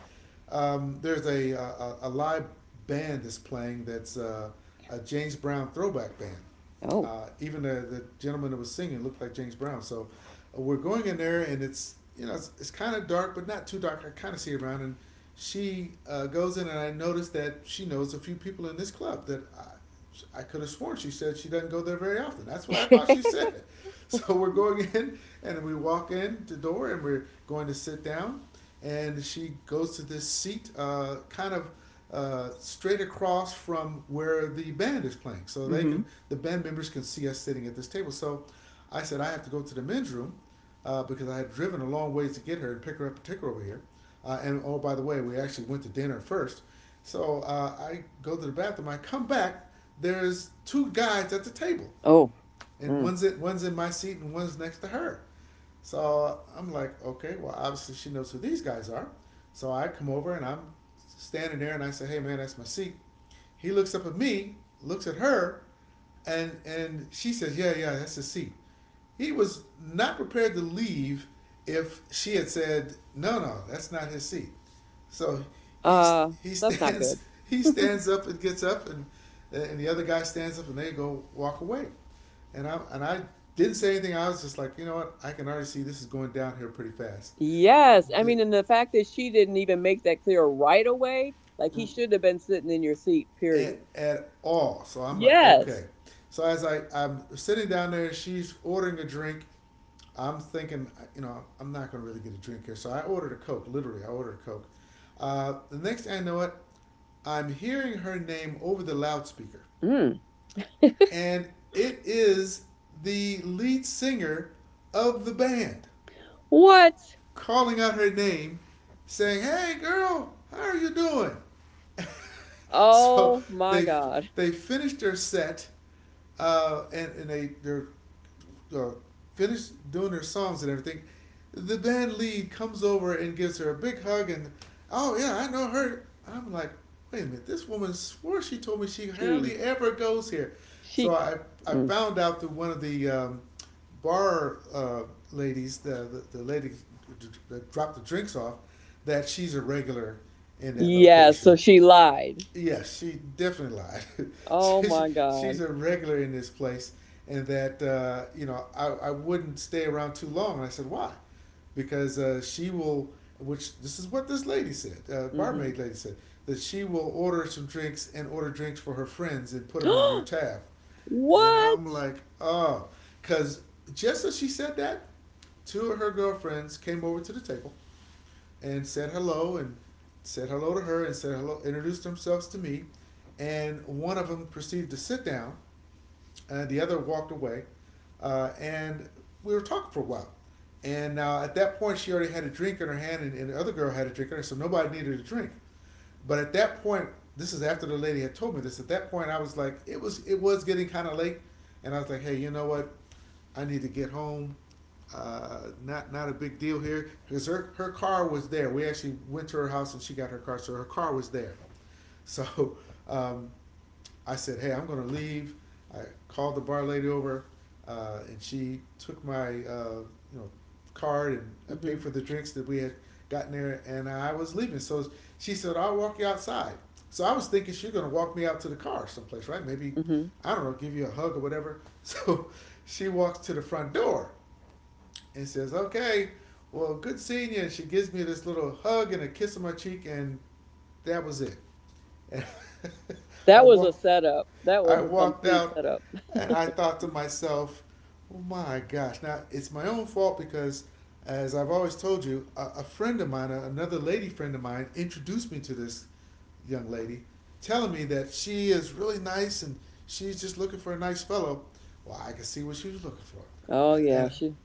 there's a live band that's playing that's a James Brown throwback band. Oh. Even the gentleman that was singing looked like James Brown. So we're going in there, and it's you know it's kind of dark, but not too dark. I kind of see around, and she goes in, and I noticed that she knows a few people in this club that I could have sworn she said she doesn't go there very often. That's what I thought she said. So we're going in, and we walk in the door, and we're going to sit down, and she goes to this seat, kind of straight across from where the band is playing, so Mm-hmm. The band members can see us sitting at this table. So I said I have to go to the men's room because I had driven a long ways to get her and pick her up and take her over here. And oh, by the way, we actually went to dinner first. So I go to the bathroom. I come back. There's two guys at the table, Oh, and mm. One's in my seat and one's next to her. So I'm like, okay, well obviously she knows who these guys are. So I come over and I'm standing there and I say, hey man, that's my seat. He looks up at me, looks at her, and she says, yeah, yeah, that's his seat. He was not prepared to leave if she had said, no, no, that's not his seat. So he uh, he that's not stands good. he stands up and gets up, and the other guy stands up and they go walk away. And I didn't say anything. I was just like, you know what? I can already see this is going down here pretty fast. Yes, I The, mean, and the fact that she didn't even make that clear right away, like he should have been sitting in your seat. Period. at all. So I'm like, okay. Yes. So as I'm sitting down there, she's ordering a drink. I'm thinking, you know, I'm not gonna really get a drink here. So I ordered a coke. Literally, I ordered a coke. The next thing I know it, I'm hearing her name over the loudspeaker, Mm. and it is the lead singer of the band, What? calling out her name, saying, "Hey, girl, how are you doing?" So Oh my they God. they finished their set, and they're uh, finished doing their songs and everything. The band lead comes over and gives her a big hug and, oh yeah, I know her. I'm like, wait a minute, this woman swore she told me she hardly Jeez. ever goes here. So She, I mm. found out through one of the bar ladies, the lady that dropped the drinks off, that she's a regular in that Yeah, so location. she lied. Yes, she definitely lied. Oh she, she, my she's God. a regular in this place, and that I wouldn't stay around too long. And I said, why? Because which this is what this lady said, Hmm. barmaid lady said, that she will order some drinks and order drinks for her friends and put them on your tab. And I'm What? like, oh, because just as she said that, two of her girlfriends came over to the table and said hello to her and said hello, introduced themselves to me, and one of them proceeded to sit down and the other walked away. And We were talking for a while. And now at that point, she already had a drink in her hand, and the other girl had a drink in her, so nobody needed a drink. But at that point, this is after the lady had told me this. At that point, I was like, it was getting kind of late, and I was like, hey, you know what? I need to get home. Not not a big deal here because her car was there. We actually went to her house and she got her car, so her car was there. So um, I said, "Hey, I'm gonna leave." I called the bar lady over, and she took my you know card and I Hmm. paid for the drinks that we had gotten there, and I was leaving. So she said, "I'll walk you outside." So I was thinking she's gonna walk me out to the car someplace, right? Maybe Hmm. I don't know, give you a hug or whatever. So she walks to the front door, and says, "Okay, well, good seeing you." And she gives me this little hug and a kiss on my cheek, and that was it. And I That was a walk, setup. That I was a walked complete out, setup. and I thought to myself, "Oh my gosh!" Now it's my own fault because, as I've always told you, a friend of mine, another lady friend of mine, introduced me to this young lady, telling me that she is really nice and she's just looking for a nice fellow. Well, I could see what she was looking for, Oh and, yeah, and she.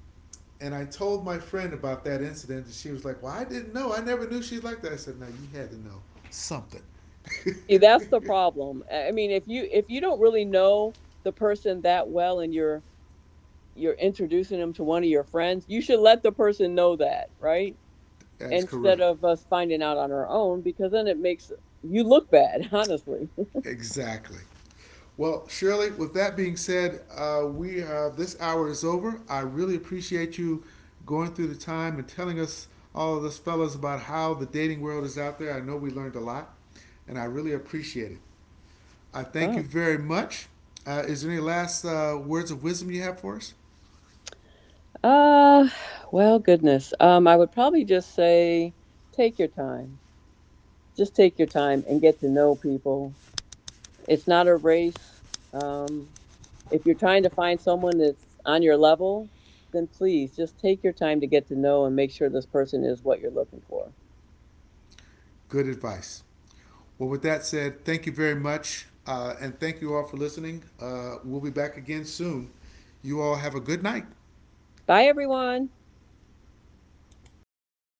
and I told my friend about that incident, and she was like, "Well, I didn't know. I never knew she's like that." I said, "No, you had to know something." See, that's the problem. I mean, if you don't really know the person that well and you're introducing them to one of your friends, you should let the person know that, right? That is Instead correct. of us finding out on our own because then it makes you look bad, honestly. Exactly. Well, Shirley, with that being said, we this hour is over. I really appreciate you going through the time and telling us all of us fellas about how the dating world is out there. I know we learned a lot, and I really appreciate it. I thank you Oh. very much. Is there any last words of wisdom you have for us? Uh well, goodness. I would probably just say take your time. Just take your time and get to know people. It's not a race. Um if you're trying to find someone that's on your level, then please just take your time to get to know and make sure this person is what you're looking for. Good advice. Well, with that said, thank you very much. And thank you all for listening. We'll be back again soon. You all have a good night. Bye, everyone.